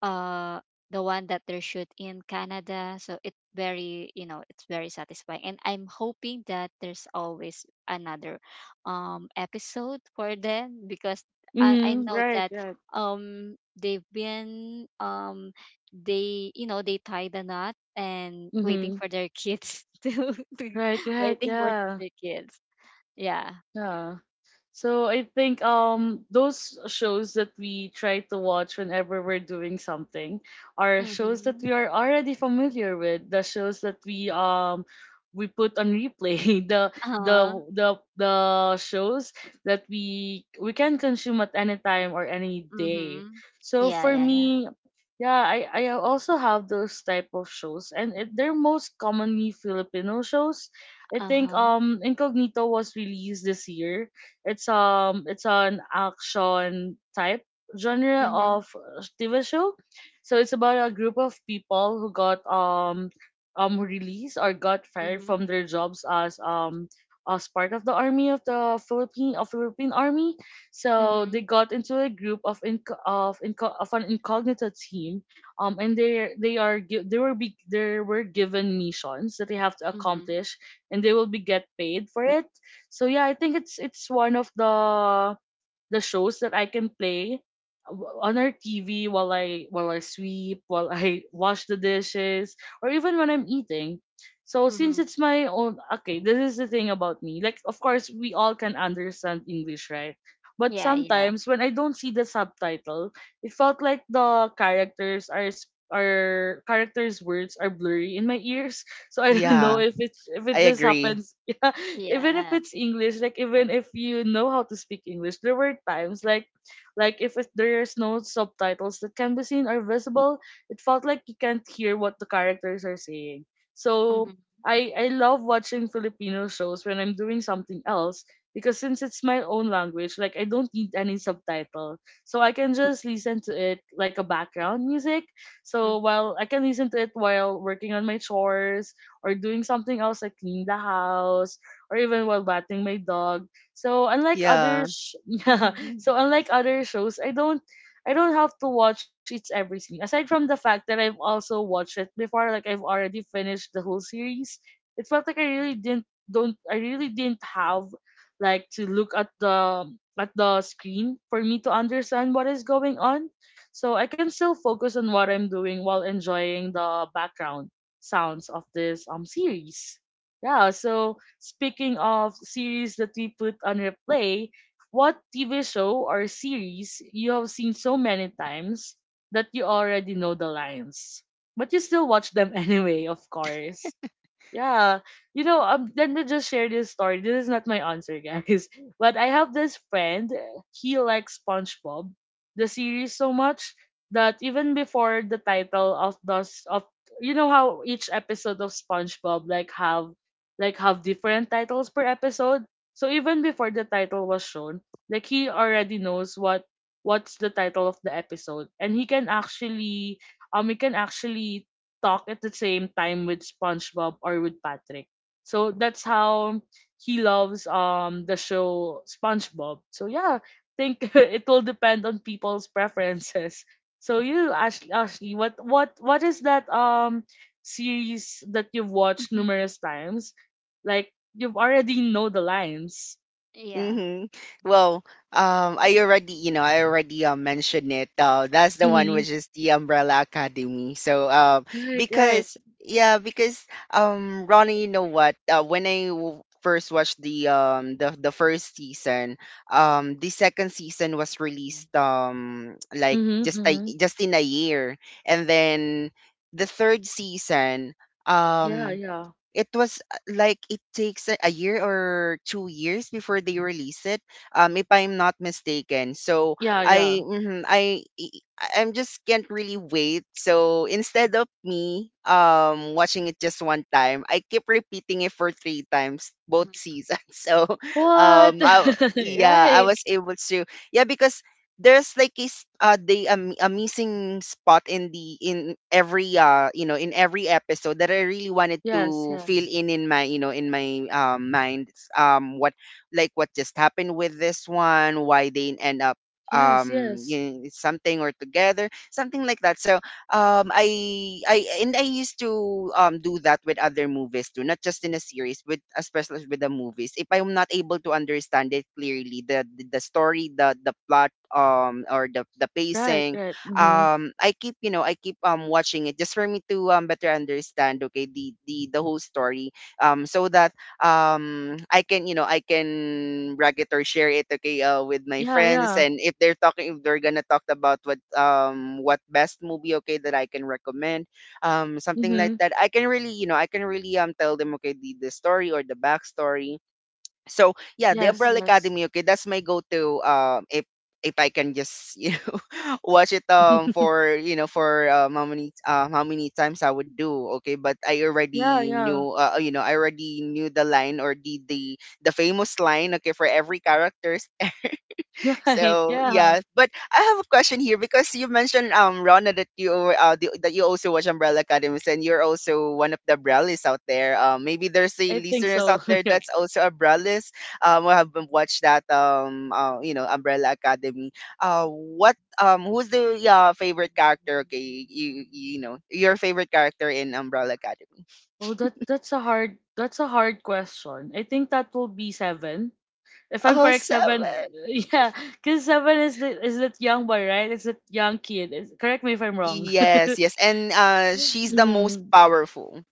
[SPEAKER 3] uh the one that they shoot in Canada. So it's very, you know, it's very satisfying. And I'm hoping that there's always another episode for them because I
[SPEAKER 1] Mm-hmm.
[SPEAKER 3] know
[SPEAKER 1] Right,
[SPEAKER 3] that
[SPEAKER 1] right.
[SPEAKER 3] they've been they you know they tie the knot and waiting
[SPEAKER 1] Mm-hmm.
[SPEAKER 3] for their kids to
[SPEAKER 1] Right, right,
[SPEAKER 3] waiting for
[SPEAKER 1] yeah,
[SPEAKER 3] their kids. Yeah.
[SPEAKER 1] yeah. So I think those shows that we try to watch whenever we're doing something are shows that
[SPEAKER 3] Mm-hmm.
[SPEAKER 1] we are already familiar with, the shows that we put on replay, the the
[SPEAKER 3] Uh-huh.
[SPEAKER 1] the the shows that we can consume at any time or any day.
[SPEAKER 3] Mm-hmm.
[SPEAKER 1] So
[SPEAKER 3] Yeah,
[SPEAKER 1] for
[SPEAKER 3] yeah, yeah.
[SPEAKER 1] me, yeah, I also have those type of shows and it, they're most commonly Filipino shows. I think
[SPEAKER 3] Uh-huh.
[SPEAKER 1] Incognito was released this year. It's it's an action type genre
[SPEAKER 3] Mm-hmm.
[SPEAKER 1] of TV show. So it's about a group of people who got released or got fired
[SPEAKER 3] Mm-hmm.
[SPEAKER 1] from their jobs as part of the army of the Philippine army. So they
[SPEAKER 3] Mm-hmm.
[SPEAKER 1] got into a group of an incognito team and they are they were given missions that they have to
[SPEAKER 3] Mhm.
[SPEAKER 1] accomplish, and they will be get paid for it. So yeah, I think it's one of the shows that I can play on our TV while I sweep, while I wash the dishes, or even when I'm eating. So since
[SPEAKER 3] Mhm.
[SPEAKER 1] it's my own, okay, this is the thing about me. Like of course we all can understand English, right? But
[SPEAKER 3] Yeah, yeah.
[SPEAKER 1] sometimes when I don't see the subtitle, it felt like the characters' words are blurry in my ears. So I don't
[SPEAKER 3] Mhm.
[SPEAKER 1] know
[SPEAKER 2] Yeah,
[SPEAKER 1] if it's if it
[SPEAKER 2] I
[SPEAKER 1] just
[SPEAKER 2] agree.
[SPEAKER 1] happens. Yeah, even if
[SPEAKER 3] Yeah.
[SPEAKER 1] it's English, like even if you know how to speak English, there were times like if there's no subtitles that can be seen or visible, it felt like you can't hear what the characters are saying. So
[SPEAKER 3] Mhm.
[SPEAKER 1] I love watching Filipino shows when I'm doing something else because since it's my own language, like I don't need any subtitle. So I can just listen to it like a background music.
[SPEAKER 3] Mhm.
[SPEAKER 1] So while I can listen to it while working on my chores, or doing something else like clean the house or even while batting my dog. So
[SPEAKER 2] Yeah.
[SPEAKER 1] yeah,
[SPEAKER 3] Mhm.
[SPEAKER 1] so unlike other shows, I don't have to watch It's Everything. Aside from the fact that I've also watched it before, like I've already finished the whole series. It felt like I really didn't don't I really didn't have like to look at the screen for me to understand what is going on. So I can still focus on what I'm doing while enjoying the background sounds of this series. Yeah, so speaking of series that we put on replay, what TV show or series you have seen so many times that you already know the lines, but you still watch them anyway, of course. Yeah, you know, let me just share this story. This is not my answer, guys. But I have this friend. He likes SpongeBob, the series, so much that even before the title of those of you know how each episode of SpongeBob like have different titles per episode. So even before the title was shown, like he already knows what what's the title of the episode, and he can actually talk at the same time with SpongeBob or with Patrick. So that's how he loves the show SpongeBob. So yeah, I think it will depend on people's preferences. So you Ashley, Ashley, what is that series that you've watched
[SPEAKER 3] Mhm.
[SPEAKER 1] numerous times? Like you've already know the lines.
[SPEAKER 3] Yeah.
[SPEAKER 2] Mm-hmm. Well, I already, you know, I already mentioned it. That's the one
[SPEAKER 1] Mm-hmm.
[SPEAKER 2] which is the Umbrella Academy. So,
[SPEAKER 1] Right, right.
[SPEAKER 2] because yeah, because Ronnie, you know what? When I first watched the the first season. The second season was released like,
[SPEAKER 1] Mm-hmm, mm-hmm.
[SPEAKER 2] just in a year, and then the third season,
[SPEAKER 1] Yeah,
[SPEAKER 2] um
[SPEAKER 1] yeah.
[SPEAKER 2] it was, like it takes a year or 2 years before they release it, if I'm not mistaken, so
[SPEAKER 1] Yeah,
[SPEAKER 2] I
[SPEAKER 1] yeah.
[SPEAKER 2] mhm, I e, I I'm just can't really wait, so instead of me watching it just one time, I keep repeating it for three times, both
[SPEAKER 3] Mhm.
[SPEAKER 2] seasons. So
[SPEAKER 1] What?
[SPEAKER 2] yeah, I
[SPEAKER 1] Right.
[SPEAKER 2] was able to, yeah, because there's like a missing spot in the in every, in every episode that I really wanted
[SPEAKER 1] Yes,
[SPEAKER 2] to fill
[SPEAKER 1] yes.
[SPEAKER 2] in my, in my mind. It's, what, like what just happened with this one, why they end up,
[SPEAKER 1] Yes, yes.
[SPEAKER 2] something, or together, something like that. So I used to do that with other movies too, not just in a series, but especially with the movies. If I'm not able to understand it clearly, the story, the plot, or the
[SPEAKER 1] Right,
[SPEAKER 2] pacing,
[SPEAKER 1] right. Mm-hmm.
[SPEAKER 2] I keep, I keep watching it, just for me to better understand, okay, the whole story, so that I can, I can brag it or share it, okay, with my
[SPEAKER 1] Yeah,
[SPEAKER 2] friends.
[SPEAKER 1] yeah.
[SPEAKER 2] And if they're gonna talk about, what best movie, okay, that I can recommend, something like
[SPEAKER 1] Mm-hmm.
[SPEAKER 2] that I can really, I can really tell them, okay, the story or the backstory. So yeah, the
[SPEAKER 1] Yes,
[SPEAKER 2] Umbrella
[SPEAKER 3] Mhm.
[SPEAKER 1] yes.
[SPEAKER 2] Academy. Okay, that's my go-to. If I can just watch it, for you know for how many times I would do. Okay, but I
[SPEAKER 1] Yeah,
[SPEAKER 2] already
[SPEAKER 1] yeah.
[SPEAKER 2] knew, I already knew the line, or the famous line. Okay, for every characters.
[SPEAKER 1] Yeah, right,
[SPEAKER 2] So
[SPEAKER 1] yeah.
[SPEAKER 2] yeah, but I have a question here, because you mentioned, Rona, that you, that you also watch Umbrella Academies, and you're also one of the Umbrellas out there. Maybe there's a
[SPEAKER 1] I think
[SPEAKER 2] listeners
[SPEAKER 1] so.
[SPEAKER 2] out there
[SPEAKER 1] Yeah.
[SPEAKER 2] that's also a Umbrellas. Who have watched that, Umbrella Academy. What Who's the favorite character? Okay, you know your favorite character in Umbrella Academy.
[SPEAKER 1] Oh, that's a hard question. I think that will be seven. If I'm
[SPEAKER 2] Oh,
[SPEAKER 1] correct, seven.
[SPEAKER 2] seven.
[SPEAKER 1] Yeah, because seven is the is that young boy, right? It's that young kid. Is, correct me if I'm wrong.
[SPEAKER 2] Yes, yes, and she's the most
[SPEAKER 1] Mm,
[SPEAKER 2] powerful.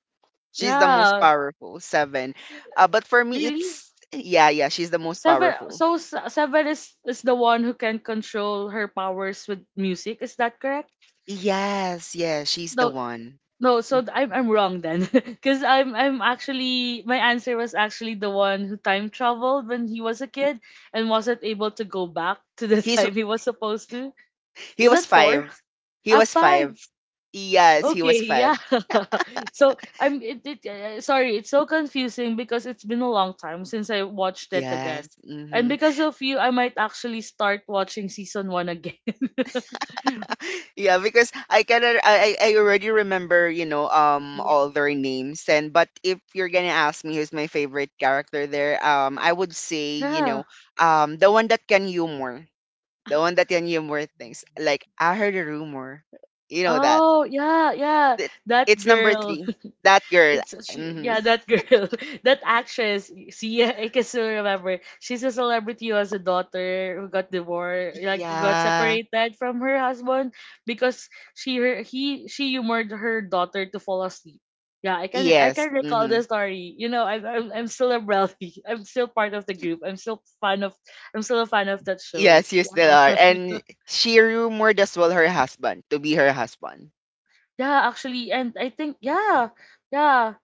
[SPEAKER 2] She's the most
[SPEAKER 1] yeah.
[SPEAKER 2] powerful, seven. But for me,
[SPEAKER 1] Really?
[SPEAKER 2] it's, yeah, yeah, she's the most powerful.
[SPEAKER 1] Sever is the one who can control her powers with music. Is that correct?
[SPEAKER 2] Yes, yes, she's the
[SPEAKER 1] No,
[SPEAKER 2] one.
[SPEAKER 1] no. So I'm wrong then, because I'm actually my answer was actually the one who time traveled when he was a kid and wasn't able to go back to the
[SPEAKER 2] He's
[SPEAKER 1] time he was supposed to.
[SPEAKER 2] he
[SPEAKER 1] Is
[SPEAKER 2] was
[SPEAKER 1] that four?
[SPEAKER 2] five. He
[SPEAKER 1] Ah,
[SPEAKER 2] was
[SPEAKER 1] five.
[SPEAKER 2] five. Yes, he was
[SPEAKER 1] Okay, yeah.
[SPEAKER 2] five.
[SPEAKER 1] So sorry, it's so confusing because it's been a long time since I watched it
[SPEAKER 2] Yes.
[SPEAKER 1] again. And
[SPEAKER 2] Mm-hmm.
[SPEAKER 1] because of you, I might actually start watching season 1 again.
[SPEAKER 2] Yeah, because I cannot. I already remember,
[SPEAKER 3] Yeah.
[SPEAKER 2] all their names, and but if you're gonna ask me who's my favorite character there, I would say,
[SPEAKER 1] Yeah.
[SPEAKER 2] the one that can humor. The one that can humor things, like I heard a rumor. You know that.
[SPEAKER 1] Oh, yeah, yeah.
[SPEAKER 2] Th-
[SPEAKER 1] That
[SPEAKER 2] It's number
[SPEAKER 1] girl.
[SPEAKER 2] three. That girl.
[SPEAKER 1] It's
[SPEAKER 2] Hmm.
[SPEAKER 1] yeah, that girl, that actress. See, I can still remember. She's a celebrity who has a daughter who got divorced, like who got
[SPEAKER 2] Yeah.
[SPEAKER 1] separated from her husband because she humored her daughter to fall asleep. Yeah, I
[SPEAKER 2] Yes.
[SPEAKER 1] can recall the
[SPEAKER 2] Hmm.
[SPEAKER 1] story. You know, I'm still a brownie. I'm still part of the group. I'm still fan of I'm still a fan of that show.
[SPEAKER 2] Yes, you still are.
[SPEAKER 1] Yeah,
[SPEAKER 2] And she rumored as well her husband to be her husband.
[SPEAKER 1] yeah, actually, and I think yeah, yeah,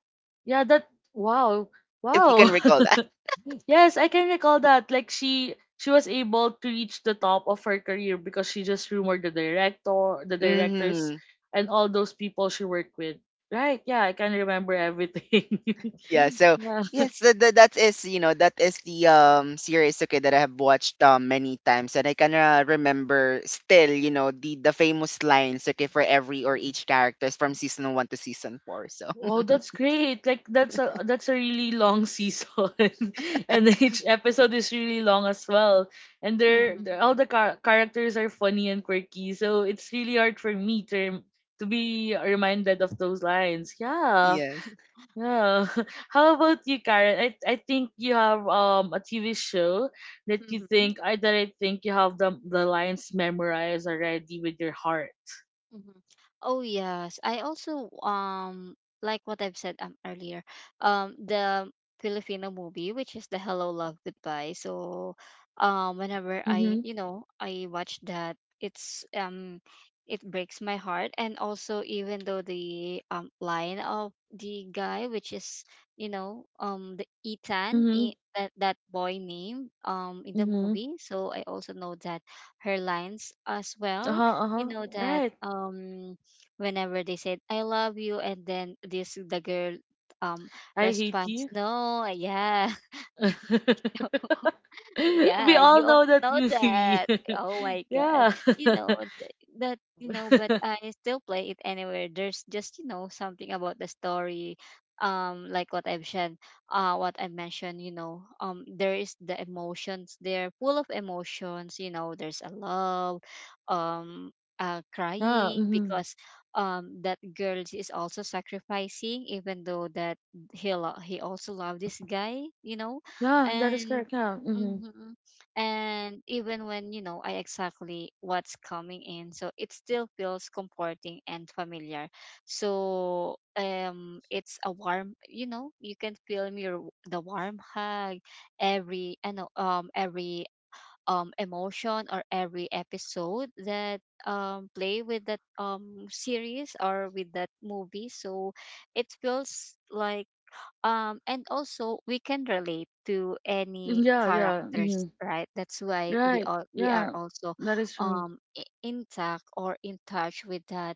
[SPEAKER 1] yeah. That wow,
[SPEAKER 2] If you
[SPEAKER 1] wow.
[SPEAKER 2] can recall that.
[SPEAKER 1] Yes, I can recall that. Like she was able to reach the top of her career because she just rumored the directors,
[SPEAKER 2] Hmm,
[SPEAKER 1] and all those people she worked with. Right? Yeah, I can remember everything.
[SPEAKER 2] yeah, so
[SPEAKER 1] Yeah.
[SPEAKER 2] yes, that is the series, okay, that I have watched many times, and I kind of remember still, the famous lines, okay, for every or each characters, from season one to season four. So
[SPEAKER 1] Wow, that's great. Like that's a really long season, and each episode is really long as well. And
[SPEAKER 3] Mhm.
[SPEAKER 1] they're all the char- characters are funny and quirky, so it's really hard for me to to be reminded of those lines. Yeah.
[SPEAKER 2] yes.
[SPEAKER 1] Yeah. How about you, Karen? I think you have a TV show that you
[SPEAKER 3] Mhm.
[SPEAKER 1] think I that I think you have the lines memorized already with your heart.
[SPEAKER 3] Mhm. Oh yes, I also like what I've said earlier. The Filipino movie, which is the Hello Love Goodbye. So, whenever I
[SPEAKER 1] Mhm.
[SPEAKER 3] you know I watch that, it's it breaks my heart, and also even though the line of the guy, which is you know the Ethan
[SPEAKER 1] Mhm.
[SPEAKER 3] that that boy name in the
[SPEAKER 1] Mhm.
[SPEAKER 3] movie. So I also know that her lines as
[SPEAKER 1] Uh
[SPEAKER 3] well
[SPEAKER 1] huh. Uh
[SPEAKER 3] you
[SPEAKER 1] huh.
[SPEAKER 3] know that
[SPEAKER 1] Right.
[SPEAKER 3] whenever they said I love you and then this the girl um
[SPEAKER 1] I hate
[SPEAKER 3] responds
[SPEAKER 1] you.
[SPEAKER 3] no yeah.
[SPEAKER 1] We
[SPEAKER 3] Yeah, you
[SPEAKER 1] all
[SPEAKER 3] all
[SPEAKER 1] know that
[SPEAKER 3] know
[SPEAKER 1] movie.
[SPEAKER 3] that. Oh my God.
[SPEAKER 1] Yeah.
[SPEAKER 3] You know th- that, you know, but I still play it anywhere. There's just, you know, something about the story. Like what I've said, what I mentioned, you know, there is the emotions there, full of emotions, you know, there's a love, um,
[SPEAKER 1] Yeah.
[SPEAKER 3] crying
[SPEAKER 1] Mhm.
[SPEAKER 3] because that girl is also sacrificing even though that he also loved this guy you know
[SPEAKER 1] Yeah. That is
[SPEAKER 3] and
[SPEAKER 1] correct. Yeah. Mhm.
[SPEAKER 3] mm-hmm. And even when, you know, I exactly what's coming in, so it still feels comforting and familiar. So, it's a warm, you know, you can feel me the warm hug, every, I know, every emotion or every episode that play with that series or with that movie. So it feels like and also we can relate to any
[SPEAKER 1] Yeah. Yeah.
[SPEAKER 3] characters
[SPEAKER 1] Mhm.
[SPEAKER 3] right that's why we
[SPEAKER 1] Right.
[SPEAKER 3] all we are
[SPEAKER 1] Yeah.
[SPEAKER 3] also
[SPEAKER 1] That is true.
[SPEAKER 3] intact or in touch with that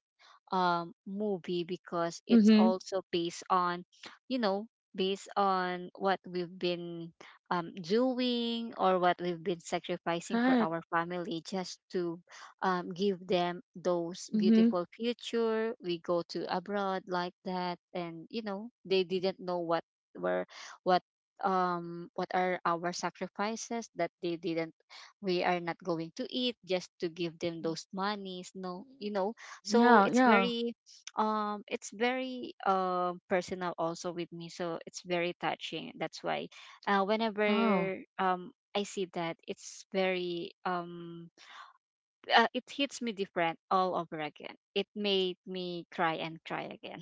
[SPEAKER 3] movie because it's
[SPEAKER 1] Mm-hmm.
[SPEAKER 3] also based on you know based on what we've been doing or what we've been sacrificing for
[SPEAKER 1] Right.
[SPEAKER 3] our family just to give them those
[SPEAKER 1] Mhm.
[SPEAKER 3] beautiful future. We go to abroad like that, and you know they didn't know what were what what are our sacrifices that they didn't we are not going to eat just to give them those monies no you know so
[SPEAKER 1] Yeah, yeah.
[SPEAKER 3] it's very personal also with me so it's very touching that's why
[SPEAKER 1] Oh.
[SPEAKER 3] whenever I see that it's very it hits me different all over again. It made me cry and cry again.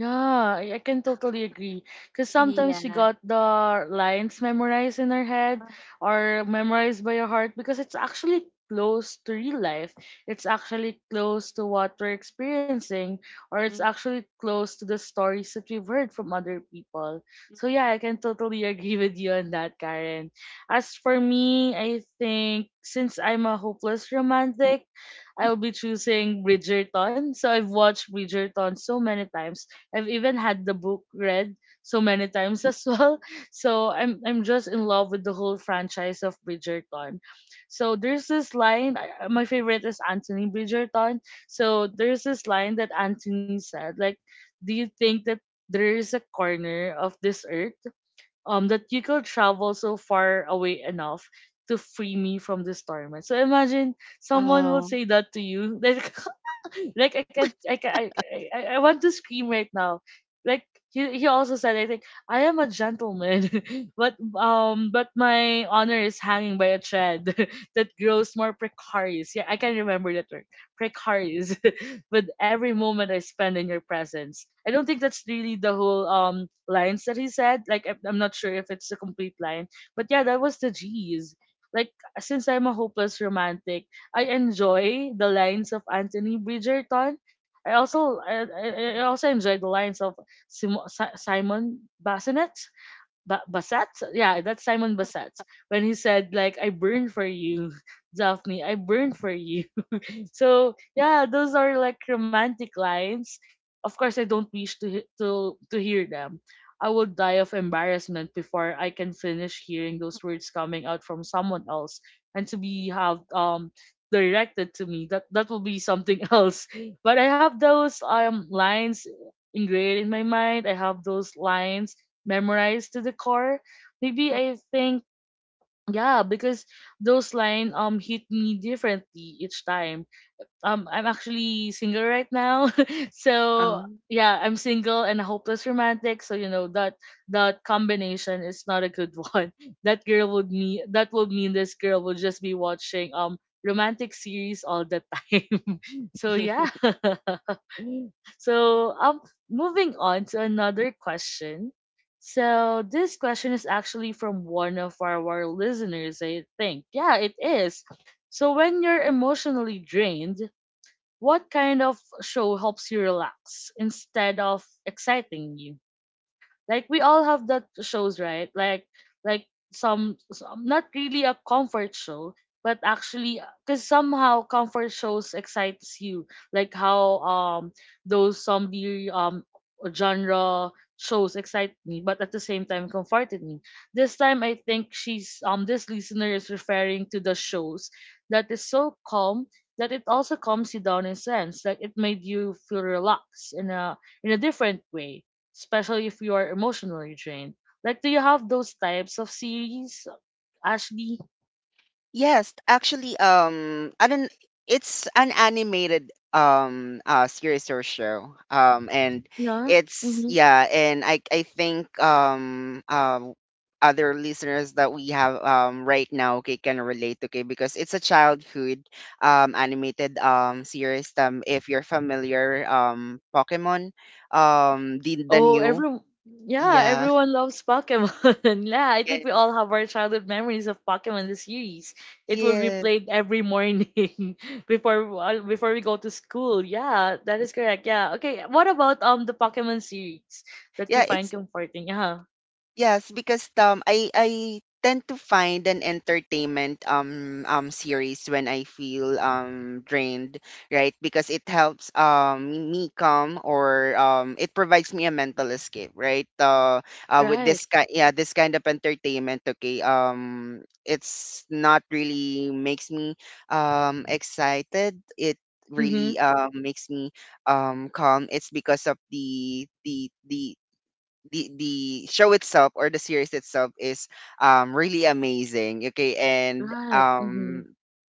[SPEAKER 1] Yeah, I can totally agree. Because sometimes we
[SPEAKER 3] Yeah.
[SPEAKER 1] got the lines memorized in our head
[SPEAKER 3] Uh,
[SPEAKER 1] or memorized by our heart because it's actually close to real life. It's actually close to what we're experiencing or it's
[SPEAKER 3] mhm,
[SPEAKER 1] actually close to the stories that we've heard from other people. So, yeah, I can totally agree with you on that, Karen. As for me, I think since I'm a hopeless romantic, I'll be choosing Bridgerton. So, I've watched Bridgerton so many times. I've even had the book read so many times as well. So I'm just in love with the whole franchise of Bridgerton. So there's this line. My favorite is Anthony Bridgerton. So there's this line that Anthony said, like, do you think that there is a corner of this earth that you could travel so far away enough to free me from this torment? So imagine someone will
[SPEAKER 2] Oh,
[SPEAKER 1] say that to you. Like, like, I can't I can I want to scream right now. Like, he also said, I think, I am a gentleman, but my honor is hanging by a thread that grows more precarious. Yeah, I can remember that word. Precarious with every moment I spend in your presence. I don't think that's really the whole lines that he said. Like, I'm not sure if it's a complete line. But yeah, that was the G's. Like, since I'm a hopeless romantic, I enjoy the lines of Anthony Bridgerton. I also I, I, I also enjoy the lines of Simon Bassinet. Bassett? Yeah, that's Simon Bassett. When he said, like, I burn for you, Daphne, I burn for you. So yeah, those are like romantic lines. Of course, I don't wish to to hear them. I would die of embarrassment before I can finish hearing those words coming out from someone else, and to be have directed to me. That will be something else. But I have those lines ingrained in my mind. I have those lines memorized to the core. Maybe
[SPEAKER 3] mhm.
[SPEAKER 1] I think yeah, because those lines hit me differently each time. I'm actually single right now. So
[SPEAKER 2] um,
[SPEAKER 1] yeah, I'm single and a hopeless romantic. So you know that that combination is not a good one. That would mean this girl would just be watching romantic series all the time. So yeah. So um, moving on to another question. So this question is actually from one of our listeners, I think. Yeah, it is. So when you're emotionally drained, what kind of show helps you relax instead of exciting you? Like, we all have that shows, right? Like some not really a comfort show, but actually because somehow comfort shows excites you. Like how those zombie genre shows excite me, but at the same time comforted me. This time I think she's this listener is referring to the shows that is so calm that it also calms you down in a sense. Like, it made you feel relaxed in a different way, especially if you are emotionally drained. Like, do you have those types of series, Ashley?
[SPEAKER 2] Yes, actually, I don't. It's an animated series or show. And
[SPEAKER 1] Yeah.
[SPEAKER 2] it's,
[SPEAKER 1] Mm-hmm.
[SPEAKER 2] yeah, and I think other listeners that we have right now, okay, can relate, okay, because it's a childhood animated series. If you're familiar, Pokemon, the
[SPEAKER 1] Oh,
[SPEAKER 2] new...
[SPEAKER 1] every yeah,
[SPEAKER 2] yeah,
[SPEAKER 1] everyone loves Pokemon. Yeah, I
[SPEAKER 2] yeah,
[SPEAKER 1] think we all have our childhood memories of Pokemon the series. It will be
[SPEAKER 2] yeah,
[SPEAKER 1] played every morning before before we go to school. Yeah, that is correct. Yeah. Okay. What about the Pokemon series that you
[SPEAKER 2] yeah,
[SPEAKER 1] find
[SPEAKER 2] it's...
[SPEAKER 1] comforting? Yeah.
[SPEAKER 2] Yes, because I tend to find an entertainment series when I feel drained, right? Because it helps me calm, or it provides me a mental escape, right? With
[SPEAKER 1] Right.
[SPEAKER 2] this kind, yeah, this kind of entertainment, okay. It's not really makes me excited. It
[SPEAKER 1] Mm-hmm.
[SPEAKER 2] really makes me calm. It's because of the show itself, or the series itself, is really amazing. Okay, and,
[SPEAKER 1] Right. Mm-hmm.
[SPEAKER 2] um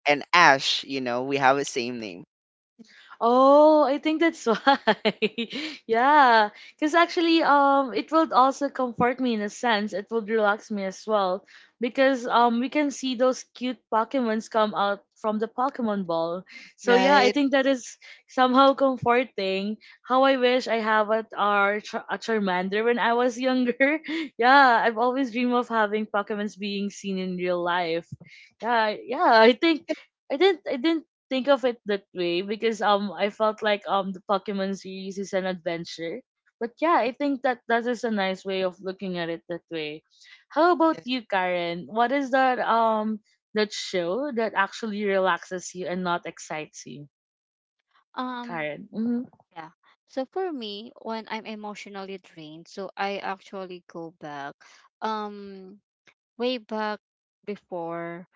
[SPEAKER 2] and Ash, you know, we have a same name.
[SPEAKER 1] Oh, I think that's why. Yeah, because actually, it will also comfort me in a sense. It will relax me as well, because we can see those cute Pokemons come out from the Pokemon ball. So yeah, I
[SPEAKER 2] Right.
[SPEAKER 1] think that is somehow comforting. How I wish I have a our a Charmander when I was younger. Yeah, I've always dreamed of having Pokemons being seen in real life. Yeah, I think. I didn't think of it that way because I felt like the Pokemon series is an adventure. But yeah, I think that that is a nice way of looking at it that way. How about you, Karen? What is that that show that actually relaxes you and not excites you,
[SPEAKER 3] Um.
[SPEAKER 1] Karen? Mm-hmm.
[SPEAKER 3] Yeah. So for me, when I'm emotionally drained, so I actually go back. Um. Way back before,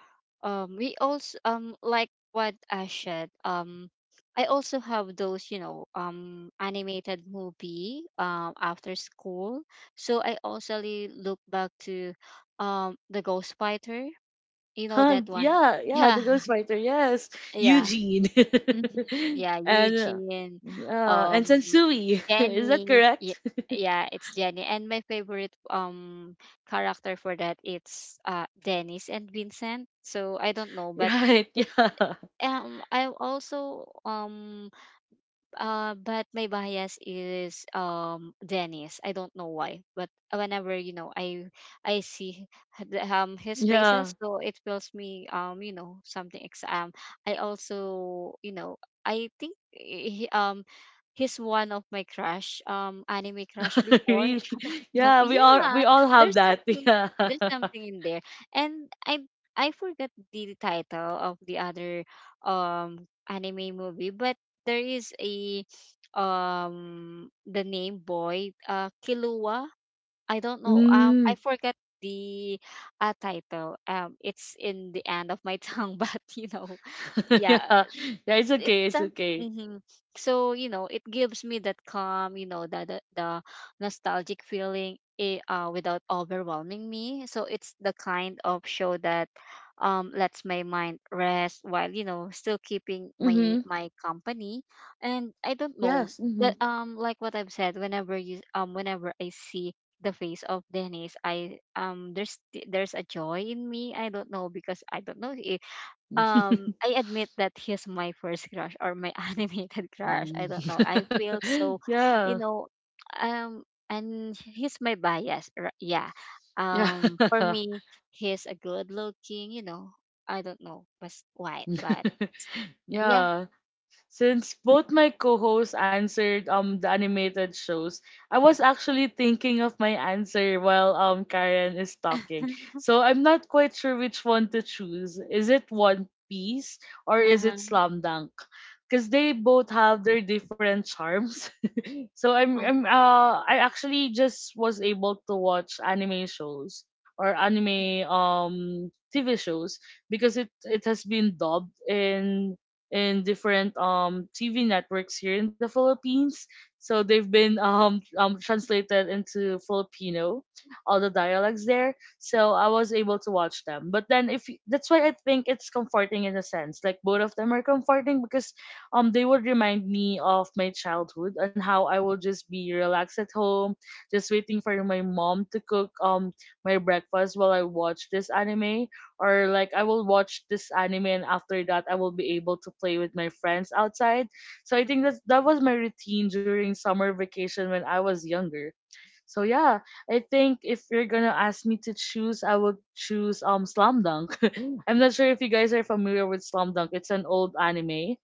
[SPEAKER 3] we also like what I said, I also have those you know animated movie after school, so I also look back to the Ghost Fighter, you know
[SPEAKER 1] Huh,
[SPEAKER 3] that one,
[SPEAKER 1] yeah, yeah,
[SPEAKER 3] yeah,
[SPEAKER 1] the Ghostwriter, yes,
[SPEAKER 3] yeah.
[SPEAKER 1] Eugene,
[SPEAKER 3] Mhm. Yeah,
[SPEAKER 1] and
[SPEAKER 3] Eugene,
[SPEAKER 1] yeah, and
[SPEAKER 3] um,
[SPEAKER 1] Sensui. Is that
[SPEAKER 3] Jenny. Yeah,
[SPEAKER 1] correct?
[SPEAKER 3] yeah, it's Jenny. And my favorite character for that it's Dennis and Vincent. So I don't know, but
[SPEAKER 1] Right,
[SPEAKER 3] it
[SPEAKER 1] yeah,
[SPEAKER 3] I also but my bias is Dennis. I don't know why, but whenever you know I see his
[SPEAKER 1] yeah.
[SPEAKER 3] faces, so it fills me you know something. I also you know I think he's one of my crush anime crush before,
[SPEAKER 1] Really?
[SPEAKER 3] no,
[SPEAKER 1] Yeah, we all
[SPEAKER 3] yeah,
[SPEAKER 1] we all have
[SPEAKER 3] there's
[SPEAKER 1] that.
[SPEAKER 3] something
[SPEAKER 1] Yeah.
[SPEAKER 3] there's something in there. And I forgot the title of the other anime movie, but there is a the name boy Kilua. I don't know. Um, I
[SPEAKER 1] Mm.
[SPEAKER 3] forgot the title. Um, it's in the end of my tongue, but you know, yeah,
[SPEAKER 1] Yeah. Yeah, it's
[SPEAKER 3] it's
[SPEAKER 1] okay. It's
[SPEAKER 3] some
[SPEAKER 1] okay.
[SPEAKER 3] hmm so you know it gives me that calm you know the nostalgic feeling eh, without overwhelming me so it's the kind of show that lets my mind rest while you know still keeping my
[SPEAKER 1] Mm-hmm.
[SPEAKER 3] my company and I don't know
[SPEAKER 1] Yes. Mm-hmm.
[SPEAKER 3] that like what I've said whenever you whenever I see the face of dennis i. There's a joy in me I don't know because I don't know I admit that he's my first crush or my animated crush.
[SPEAKER 1] Mm.
[SPEAKER 3] I don't know. I feel so, you
[SPEAKER 1] Yeah.
[SPEAKER 3] know, um, and he's my bias. Yeah.
[SPEAKER 1] Yeah.
[SPEAKER 3] For me, he's a good looking, you know, I don't know but why, but yeah.
[SPEAKER 1] Yeah. Since both my co-hosts answered the animated shows, I was actually thinking of my answer while Karen is
[SPEAKER 3] Uh-huh.
[SPEAKER 1] talking. So I'm not quite sure which one to choose. Is it One Piece or is it Slam Dunk? Because they both have their different charms. So
[SPEAKER 3] Mhm,
[SPEAKER 1] I actually just was able to watch anime shows or anime TV shows because it has been dubbed in different TV networks here in the Philippines. So
[SPEAKER 3] mhm.
[SPEAKER 1] they've been translated into Filipino, all the dialects there. So I was able to watch them. But then if y- that's why I think it's comforting in a sense. Like, both of them are comforting because they would remind me of my childhood and how I would just be relaxed at home, just waiting for my mom to cook my breakfast while I watch this anime, or like I will watch this anime and after that I will be able to play with my friends outside. So I think that that was my routine during summer vacation when I was younger. So yeah, I think if you're gonna ask me to choose, I would choose Slam Dunk. I'm not sure if you guys are familiar with Slam Dunk. It's an old anime.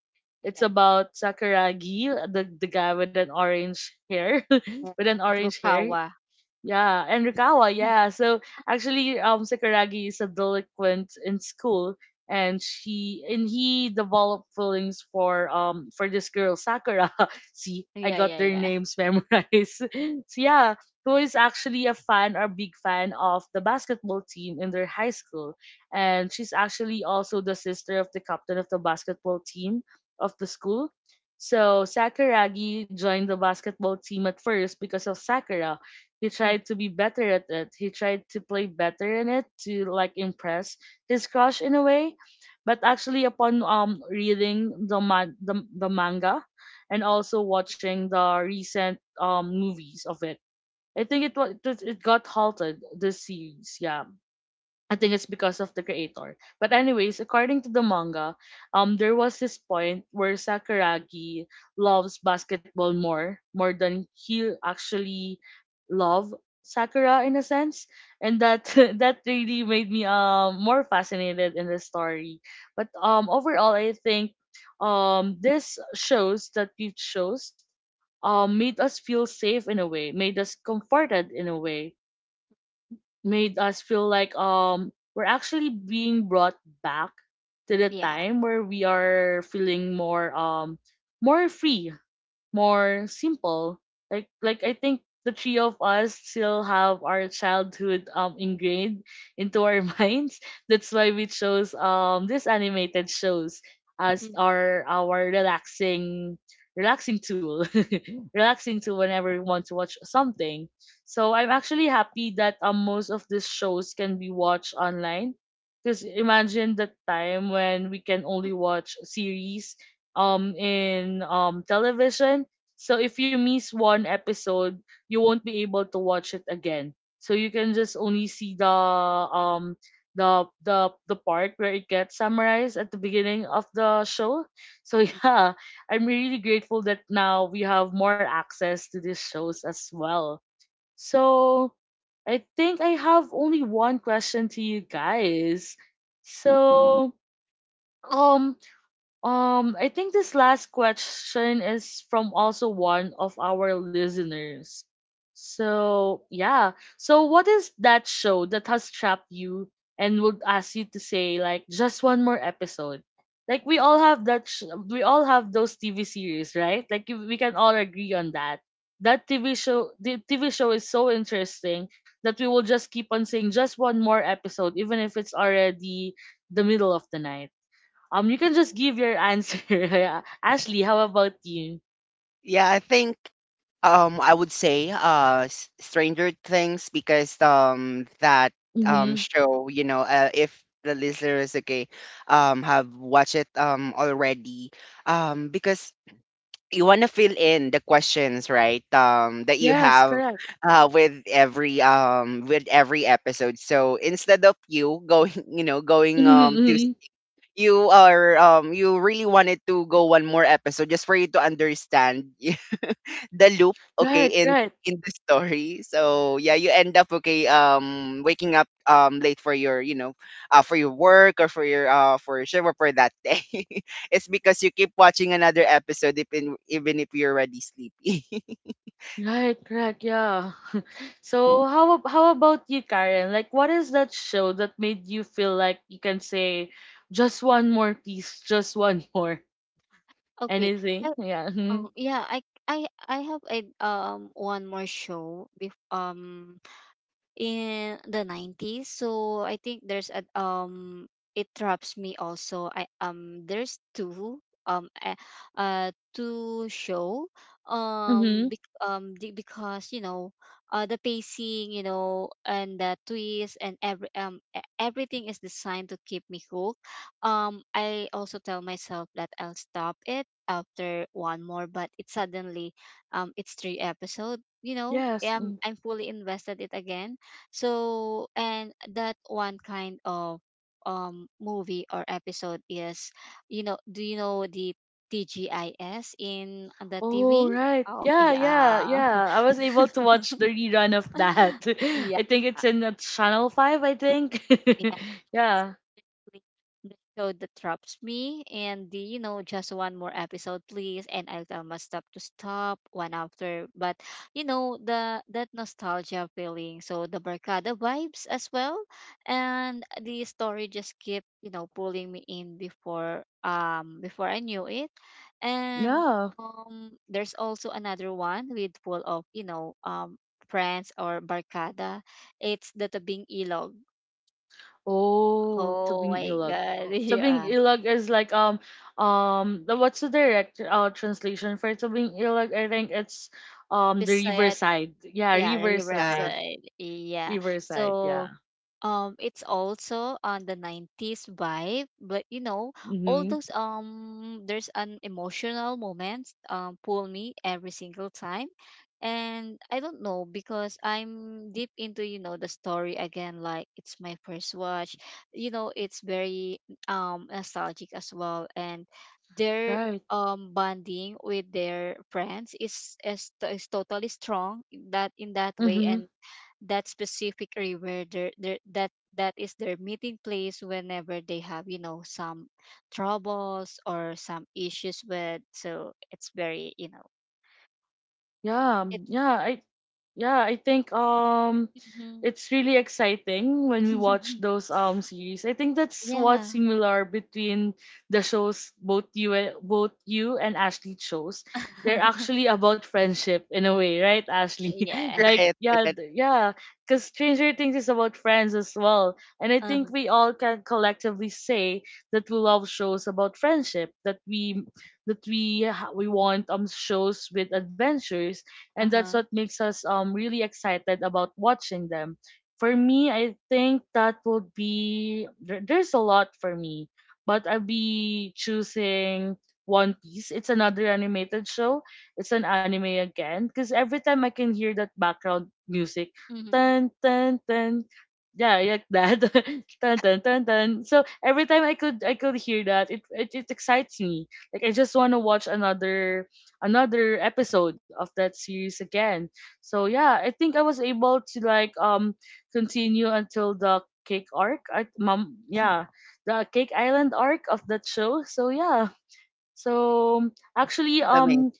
[SPEAKER 1] It's
[SPEAKER 3] Yeah,
[SPEAKER 1] about Sakuragi, the guy with an orange hair,
[SPEAKER 3] yeah.
[SPEAKER 1] with an
[SPEAKER 3] Andrew
[SPEAKER 1] orange hair.
[SPEAKER 3] Kawa.
[SPEAKER 1] Yeah, and Rikawa.
[SPEAKER 3] Mm.
[SPEAKER 1] Yeah. So actually Sakuragi is a delinquent in school, and she and he developed feelings for this girl Sakura. See, I
[SPEAKER 3] Yeah,
[SPEAKER 1] got
[SPEAKER 3] yeah,
[SPEAKER 1] their
[SPEAKER 3] yeah.
[SPEAKER 1] names memorized. So yeah, who is actually a fan or big fan of the basketball team in their high school. And she's actually also the sister of the captain of the basketball team of the school. So Sakuragi joined the basketball team at first because of Sakura. He
[SPEAKER 3] Mm,
[SPEAKER 1] tried to be better at it. He tried to play better in it to like impress his crush in a way. But actually, upon reading the manga, and also watching the recent movies of it, I think it got halted this series. Yeah, I think it's because of the creator. But anyways, according to the manga, there was this point where Sakuragi loves basketball more, more than he actually love Sakura in a sense, and that that really made me more fascinated in the story. But overall, I think this shows that it shows made us feel safe in a way, made us comforted in a way, made us feel like we're actually being brought back to the
[SPEAKER 3] yeah.
[SPEAKER 1] time where we are feeling more more free, more simple. Like I think the three of us still have our childhood ingrained into our minds. That's why we chose these animated shows as
[SPEAKER 3] Mhm.
[SPEAKER 1] our relaxing relaxing tool relaxing tool whenever we want to watch something. So I'm actually happy that most of these shows can be watched online. Because imagine the time when we can only watch series in television. So if you miss one episode, you won't be able to watch it again. So you can just only see the the part where it gets summarized at the beginning of the show. So yeah, I'm really grateful that now we have more access to these shows as well. So I think I have only one question to you guys. So um I think this last question is from also one of our listeners. So, yeah. So, what is that show that has trapped you and would ask you to say, like, just one more episode? Like, we all have those TV series, right? Like, you, we can all agree on that. That TV show The TV show is so interesting that we will just keep on saying just one more episode even if it's already the middle of the night. You can just give your answer. Yeah. Ashley, how about you?
[SPEAKER 2] Yeah, I think I would say, Stranger Things, because that
[SPEAKER 1] Mm-hmm.
[SPEAKER 2] show, you know, if the listeners, okay, have watched it already, because you want to fill in the questions, right, that you
[SPEAKER 1] Yes,
[SPEAKER 2] have,
[SPEAKER 1] correct.
[SPEAKER 2] with every, with every episode. So instead of you going going,
[SPEAKER 1] Mm-hmm.
[SPEAKER 2] you really wanted to go one more episode, just for you to understand the loop, okay,
[SPEAKER 1] Right, right,
[SPEAKER 2] in the story. So yeah, you end up, okay, waking up late for your, for your work, or for your, for your shift, or for that day. It's because you keep watching another episode, even if you're already sleepy.
[SPEAKER 1] right, correct. Yeah. So how about you, Karen? Like, what is that show that made you feel like you can say just one more piece, just one more,
[SPEAKER 3] Okay.
[SPEAKER 1] anything? Yeah. Mm-hmm.
[SPEAKER 3] Yeah, I have a one more show bef in the 90s so I think there's a it traps me also I there's um uh, two show
[SPEAKER 1] Mm-hmm.
[SPEAKER 3] because you know the pacing you know and the twist and every everything is designed to keep me hooked I also tell myself that I'll stop it after one more but it suddenly it's three episode you know
[SPEAKER 1] Yes. Mm-hmm.
[SPEAKER 3] I'm fully invested it again so, and that one kind of movie or episode is, you know, do you know the TGIS in the
[SPEAKER 1] Oh
[SPEAKER 3] TV?
[SPEAKER 1] right.
[SPEAKER 3] Oh,
[SPEAKER 1] Yeah, yeah,
[SPEAKER 3] yeah.
[SPEAKER 1] yeah. I was able to watch the rerun of that.
[SPEAKER 3] Yeah.
[SPEAKER 1] I think it's in channel 5, I think.
[SPEAKER 3] Yeah.
[SPEAKER 1] Yeah.
[SPEAKER 3] Exactly the show that traps me and the you know just one more episode please and I'll tell my stop to stop one after but you know the that nostalgia feeling so the barcada vibes as well and the story just kept you know pulling me in before before I knew it and
[SPEAKER 1] Yeah.
[SPEAKER 3] there's also another one with full of you know friends or barcada it's the tabing ilog
[SPEAKER 1] Oh,
[SPEAKER 3] oh
[SPEAKER 1] Tubing
[SPEAKER 3] my
[SPEAKER 1] Ilog.
[SPEAKER 3] god
[SPEAKER 1] Oh, Tubing
[SPEAKER 3] yeah
[SPEAKER 1] Ilog is like the, what's the direct translation for Tubing Ilog? I think it's the
[SPEAKER 3] Bisayat,
[SPEAKER 1] riverside. Yeah,
[SPEAKER 3] yeah,
[SPEAKER 2] Yeah,
[SPEAKER 1] riverside.
[SPEAKER 3] Riverside, yeah.
[SPEAKER 1] Riverside, yeah.
[SPEAKER 3] So, it's also on the 90s vibe but you know all
[SPEAKER 1] Mhm.
[SPEAKER 3] those there's an emotional moments pull me every single time and I don't know because I'm deep into you know the story again like it's my first watch you know it's very nostalgic as well and their
[SPEAKER 1] Right.
[SPEAKER 3] bonding with their friends is totally strong in that way
[SPEAKER 1] Mhm.
[SPEAKER 3] and that specific river their, that that is their meeting place whenever they have you know some troubles or some issues with so it's very you know
[SPEAKER 1] Yeah,
[SPEAKER 3] it
[SPEAKER 1] yeah, I yeah, I think
[SPEAKER 3] mhm.
[SPEAKER 1] it's really exciting when we watch those series. I think that's
[SPEAKER 3] Yeah.
[SPEAKER 1] what's similar between the shows both you and Ashley chose. They're actually about friendship in a way, right, Ashley?
[SPEAKER 3] Yeah.
[SPEAKER 1] Like
[SPEAKER 2] right,
[SPEAKER 1] yeah,
[SPEAKER 2] right.
[SPEAKER 1] yeah, because Stranger Things is about friends as well, and I think
[SPEAKER 3] Uh-huh.
[SPEAKER 1] we all can collectively say that we love shows about friendship. We want shows with adventures, and that's what
[SPEAKER 3] Uh-huh.
[SPEAKER 1] makes us really excited about watching them. For me, I think that would be there's a lot for me, but I'll be choosing One Piece. It's another animated show. It's an anime again because every time I can hear that background music,
[SPEAKER 3] Mm-hmm.
[SPEAKER 1] tan tan tan, yeah, like that. Tan tan tan tan. So every time I could hear that, it excites me. Like I just want to watch another episode of that series again. So yeah, I think I was able to like continue until the cake arc. I mom yeah, the cake island arc of that show. So yeah. So actually
[SPEAKER 2] It's amazing.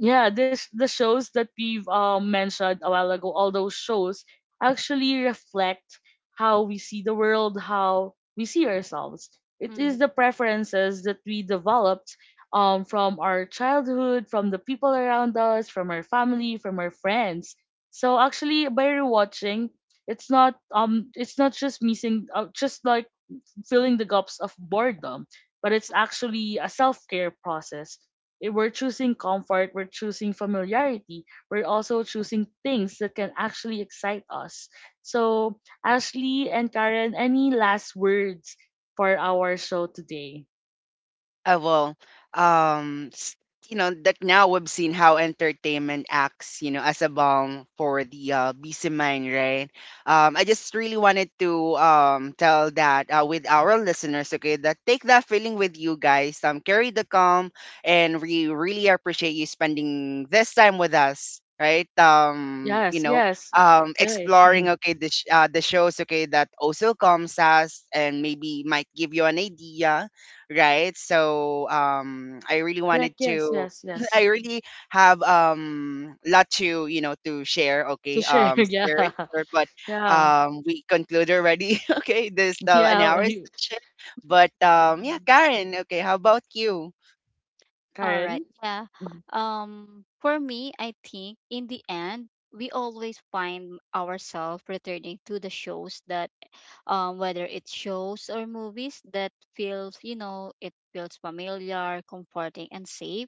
[SPEAKER 1] yeah, this the shows that we've mentioned a while ago, all those shows actually reflect how we see the world, how we see ourselves. It is
[SPEAKER 3] Hmm.
[SPEAKER 1] the preferences that we developed from our childhood, from the people around us, from our family, from our friends. So actually by rewatching, it's not just missing just like filling the gaps of boredom, but it's actually a self care process. We're choosing comfort, we're choosing familiarity, we're also choosing things that can actually excite us. So, Ashley and Karen, any last words for our show today?
[SPEAKER 2] Well, um, s- you know that now we've seen how entertainment acts, you know, as a balm for the busy mind, right? I just really wanted to tell that, with our listeners, okay, that take that feeling with you guys. Carry the calm, and we really appreciate you spending this time with us. Right,
[SPEAKER 1] Yes, yes, right.
[SPEAKER 2] exploring,
[SPEAKER 1] Mhm.
[SPEAKER 2] okay, the the shows, okay, that also comes us, and maybe might give you an idea, right? So I really wanted
[SPEAKER 1] Correct, yes,
[SPEAKER 2] to.
[SPEAKER 1] yes,
[SPEAKER 2] I
[SPEAKER 1] yes.
[SPEAKER 2] really have lot to, to share.
[SPEAKER 1] To
[SPEAKER 2] Okay,
[SPEAKER 1] share,
[SPEAKER 2] scary,
[SPEAKER 1] yeah,
[SPEAKER 2] story, but
[SPEAKER 1] yeah,
[SPEAKER 2] we conclude already. Okay, this, an
[SPEAKER 1] yeah.
[SPEAKER 2] hour
[SPEAKER 1] You-
[SPEAKER 2] session, but yeah,
[SPEAKER 1] Mhm.
[SPEAKER 2] Karen. Okay, how about you?
[SPEAKER 3] All right,
[SPEAKER 1] Karen?
[SPEAKER 3] yeah,
[SPEAKER 1] Mhm.
[SPEAKER 3] for me I think in the end we always find ourselves returning to the shows that whether it's shows or movies that feels, you know, it feels familiar, comforting, and safe.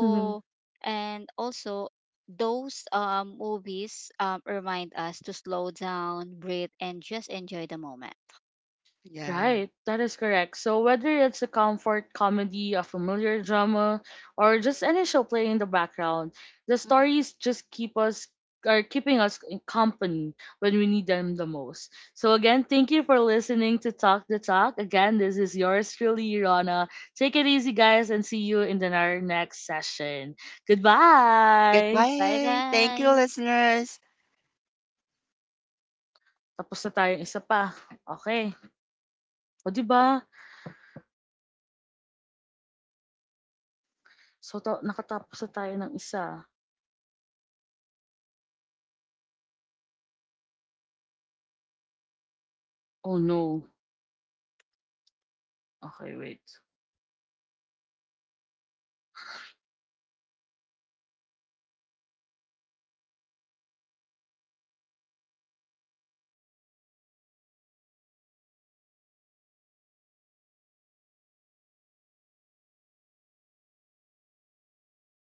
[SPEAKER 1] Mhm.
[SPEAKER 3] and also those movies remind us to slow down, breathe, and just enjoy the moment.
[SPEAKER 2] Yeah.
[SPEAKER 1] Right, that is correct. So whether it's a comfort comedy, a familiar drama, or just any show playing in the background, the
[SPEAKER 3] Mhm.
[SPEAKER 1] stories just keep us are keeping us in company when we need them the most. So again, thank you for listening to Talk the Talk. Again, this is yours truly, Rana. Take it easy, guys, and see you in our next session. Goodbye!
[SPEAKER 3] Bye
[SPEAKER 2] Goodbye. Thank you,
[SPEAKER 3] bye.
[SPEAKER 2] listeners.
[SPEAKER 1] Tapos na tayo isa pa. Okay. O, di ba? So, nakatapos na tayo ng isa. Oh, no. Okay, wait.